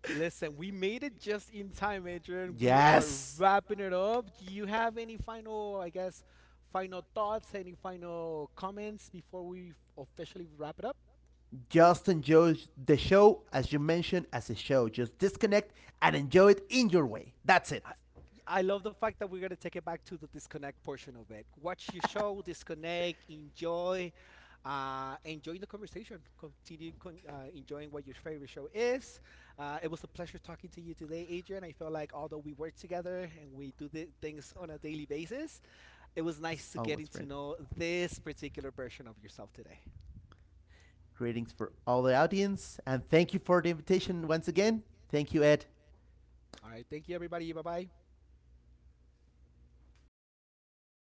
Speaker 1: Listen, we made it just in time, Adrian. We are yes,
Speaker 2: Yes.
Speaker 1: wrapping it up. Do you have any final, I guess, final thoughts, any final comments before we officially wrap it up?
Speaker 2: Just enjoy the show as you mentioned as a show. Just disconnect and enjoy it in your way. That's it.
Speaker 1: I I love the fact that we're going to take it back to the disconnect portion of it. Watch your show, disconnect, enjoy, uh, enjoy the conversation. Continue con- uh, enjoying what your favorite show is. Uh, it was a pleasure talking to you today, Adrian. I feel like although we work together and we do the things on a daily basis, it was nice
Speaker 2: As
Speaker 1: to getting
Speaker 2: always,
Speaker 1: to
Speaker 2: friend.
Speaker 1: know this particular version of yourself today.
Speaker 2: Greetings for all the audience and thank you for the invitation once again. Thank you, Ed.
Speaker 1: All right, thank you, everybody. Bye bye.